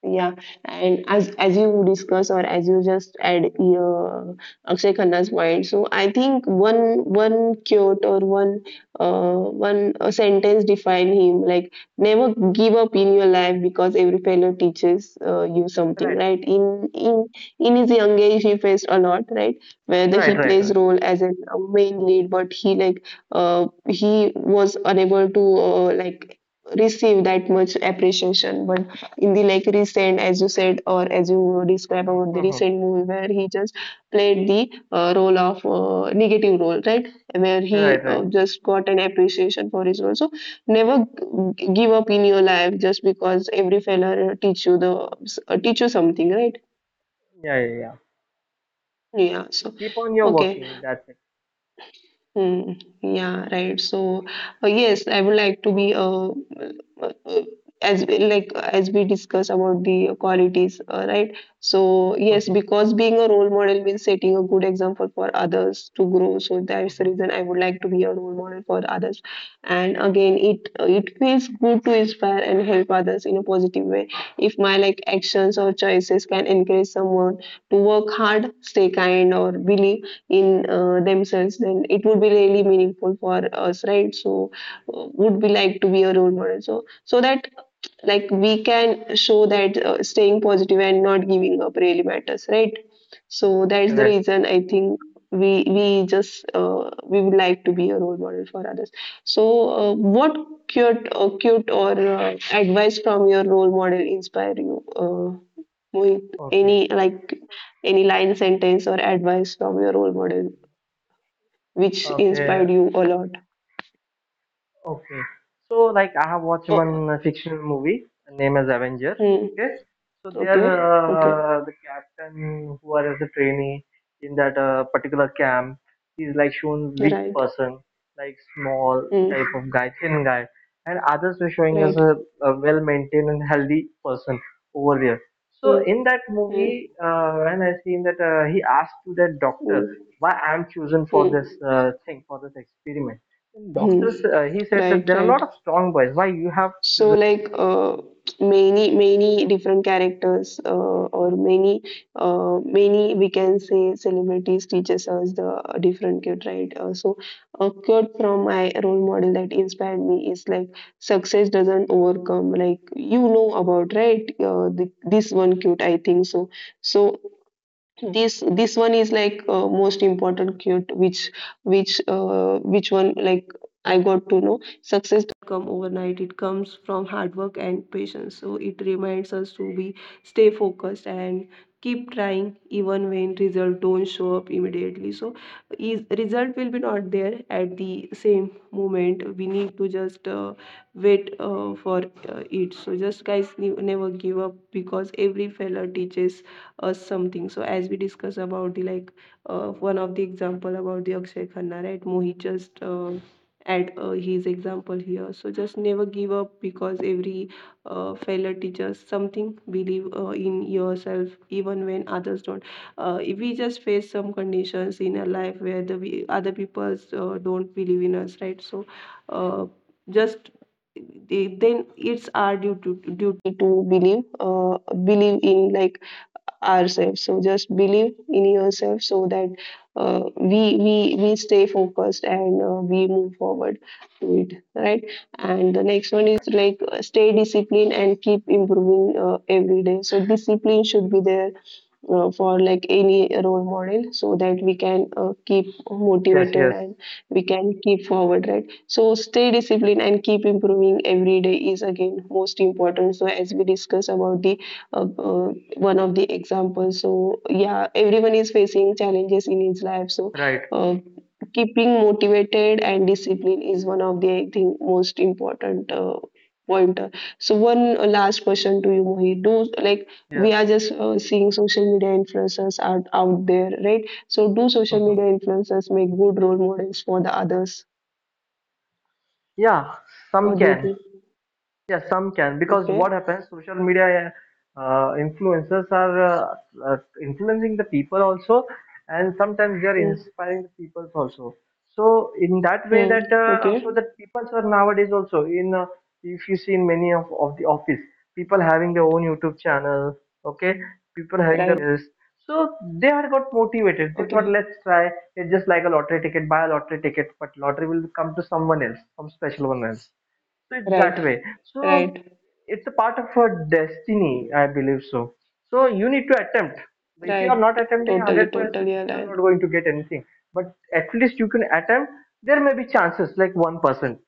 Speaker 1: Yeah, and as as you discuss or as you just add your uh, Akshay Khanna's point, so I think one one quote or one uh one uh, sentence define him, like never give up in your life because every failure teaches uh, you something,
Speaker 2: Right,
Speaker 1: right? In in in his young age, he faced a lot, right? Whether
Speaker 2: right,
Speaker 1: he
Speaker 2: right,
Speaker 1: plays
Speaker 2: right.
Speaker 1: role as a main lead, but he like uh he was unable to uh, like receive that much appreciation, but in the like recent, as you said or as you describe
Speaker 2: Mhm,
Speaker 1: about the
Speaker 2: mhm.
Speaker 1: recent movie where he just played the uh, role of uh, negative role, right, where he
Speaker 2: Right,
Speaker 1: uh,
Speaker 2: right.
Speaker 1: just got an appreciation for his role. So never g- give up in your life, just because every failure teach you the uh, teach you something, right?
Speaker 2: Yeah, yeah, yeah.
Speaker 1: Yeah, so
Speaker 2: Keep on your
Speaker 1: okay.
Speaker 2: working. That's it.
Speaker 1: Hmm. Yeah, right. So uh, yes, I would like to be uh, uh, uh, as we- like as we discuss about the qualities, uh, right? So yes,
Speaker 2: Mhm,
Speaker 1: because being a role model means setting a good example for others to grow. So that's the
Speaker 2: mhm,
Speaker 1: reason I would like to be a role model for others. And again, it uh, it feels good to inspire and help others in a positive way. If my like actions or choices can encourage someone to work hard, stay kind, or believe in uh, themselves, then it would be really meaningful for us, right? So uh, would we like to be a role model, so so that like we can show that uh, staying positive and not giving up really matters, right? So
Speaker 2: mhm.
Speaker 1: that's the
Speaker 2: Right.
Speaker 1: reason I think we we just uh, we would like to be a role model for others. So uh, what cute uh, cute or uh, advice from your role model inspire you, uh, Mohit? Any
Speaker 2: Okay.
Speaker 1: like any line, sentence, or advice from your role model which
Speaker 2: Okay.
Speaker 1: inspired you a lot?
Speaker 2: Okay. So like I have watched
Speaker 1: Oh,
Speaker 2: one uh, fictional movie, the name as Avengers.
Speaker 1: hmm.
Speaker 2: Okay. So there,
Speaker 1: Okay, okay,
Speaker 2: uh, the captain who are as a trainee in that uh, particular camp is like shown weak
Speaker 1: right.
Speaker 2: person, like small type
Speaker 1: Hmm.
Speaker 2: of guy, thin guy, and others were showing as
Speaker 1: Right.
Speaker 2: a, a well maintained and healthy person over there. So
Speaker 1: Hmm.
Speaker 2: in that movie,
Speaker 1: Hmm.
Speaker 2: uh, when I seen that uh, he asked to that doctor
Speaker 1: Hmm.
Speaker 2: why I'm chosen for
Speaker 1: Hmm.
Speaker 2: this uh, thing, for this experiment, and Doctors,
Speaker 1: Hmm.
Speaker 2: uh, he said that
Speaker 1: Right,
Speaker 2: there are a
Speaker 1: right.
Speaker 2: lot of strong boys. Why you have
Speaker 1: So
Speaker 2: chosen?
Speaker 1: like uh, many many different characters uh, or many uh, many, we can say, celebrities teaches us the different quote, right? Uh, so a quote from my role model that inspired me is like success doesn't overcome like you know about, right? Uh, the, this one quote, I think so so this this one is like uh, most important quote which which uh, which one like I got to know: success doesn't come overnight, it comes from hard work and patience. So it reminds us to be stay focused and keep trying even when result don't show up immediately. So is result will be not there at the same moment, we need to just uh, wait uh, for uh, it. So just guys, ne- never give up because every failure teaches us something. So as we discuss about the like uh, one of the example about the Akshay Khanna, right? Mohit just uh, add uh, his example here. So just never give up because every uh, failure teaches something. Believe uh, in yourself even when others don't. Uh, if we just face some conditions in our life where the we, other people uh, don't believe in us, right? So uh, just they, then it's our duty, duty to believe uh, believe in like ourselves. So just believe in yourself so that uh, we we we stay focused and uh, we move forward to it, right? And the next one is like uh, stay disciplined and keep improving uh, every day. So discipline should be there uh, for like any role model so that we can uh, keep
Speaker 2: Yes,
Speaker 1: motivated
Speaker 2: yes,
Speaker 1: and we can keep forward, right? So stay
Speaker 2: yes,
Speaker 1: disciplined and keep improving every day is again most important. So as we discuss about the uh, uh, one of the examples, so yeah, everyone is facing challenges in his life, so
Speaker 2: right.
Speaker 1: uh, keeping motivated and discipline is one of the, I think, most important uh, pointer. So one last question to you, Mohit. Do, like
Speaker 2: Yeah.
Speaker 1: we are just uh, seeing social media influencers are out there, right? So do social
Speaker 2: Hmm.
Speaker 1: media influencers make good role models for the others?
Speaker 2: Yeah, some
Speaker 1: What do you
Speaker 2: can.
Speaker 1: think?
Speaker 2: Yeah, some can, because
Speaker 1: Okay.
Speaker 2: what happens, social media uh, influencers are uh, uh, influencing the people also, and sometimes they are
Speaker 1: Mm.
Speaker 2: inspiring the people also. So in that way,
Speaker 1: Hmm.
Speaker 2: that uh, so
Speaker 1: Okay.
Speaker 2: that people are nowadays also in, uh, if you see in many of, of the office, people having their own YouTube channel, okay, people having their
Speaker 1: Right.
Speaker 2: like pages. So they had got motivated. They thought,
Speaker 1: Okay.
Speaker 2: let's try. It's just like a lottery ticket. Buy a lottery ticket, but lottery will come to someone else, some special one else. So it's that
Speaker 1: Right.
Speaker 2: way. So
Speaker 1: Right.
Speaker 2: it's a part of our destiny, I believe so. So you need to attempt. If you are not
Speaker 1: Right.
Speaker 2: attempting
Speaker 1: Totally.
Speaker 2: one hundred percent,
Speaker 1: Totally
Speaker 2: you are not
Speaker 1: aligned.
Speaker 2: going to get anything, but at least you can attempt. There may be chances like one percent.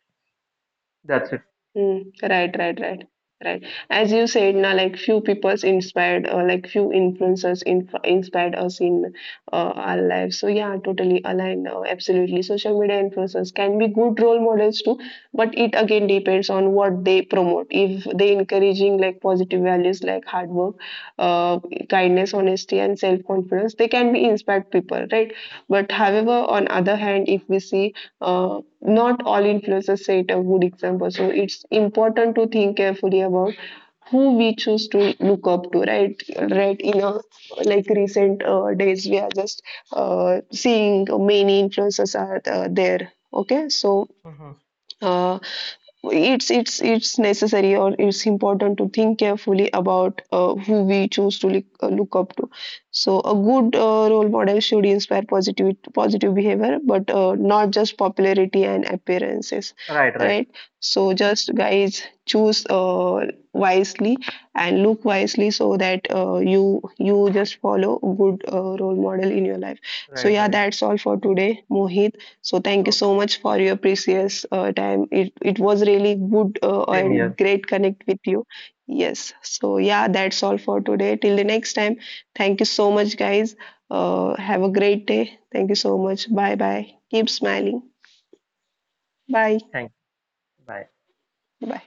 Speaker 2: That's it.
Speaker 1: Mm, right, right, right, right. As you said, now like few people's inspired or like few influencers inf inspired us in uh, our lives. So yeah, totally aligned. Uh, absolutely, social media influencers can be good role models too, but it again depends on what they promote. If they encouraging like positive values like hard work, uh, kindness, honesty, and self confidence, they can be inspired people, right? But however, on other hand, if we see uh, not all influencers set a good example, so it's important to think carefully about who we choose to look up to, right? Right, in a like recent uh, days, we are just uh, seeing many influencers are uh, there. Okay, so
Speaker 2: Hmm.
Speaker 1: uh, it's it's it's necessary or it's important to think carefully about uh, who we choose to look, uh, look up to. So a good uh, role model should inspire positive positive behavior but uh, not just popularity and appearances,
Speaker 2: Right, right,
Speaker 1: right? So just guys, choose uh, wisely and look wisely so that uh, you, you just follow a good uh, role model in your life. So
Speaker 2: right,
Speaker 1: yeah,
Speaker 2: right.
Speaker 1: that's all for today, Mohit. So thank you so
Speaker 2: Okay.
Speaker 1: much for your precious uh, time. It it was really good uh,
Speaker 2: Same
Speaker 1: and
Speaker 2: here.
Speaker 1: great connect with you. Yes. So yeah, that's all for today. Till the next time. Thank you so much, guys. Uh, have a great day. Thank you so much. Bye bye. Keep smiling. Bye.
Speaker 2: Thanks. Bye.
Speaker 1: Bye.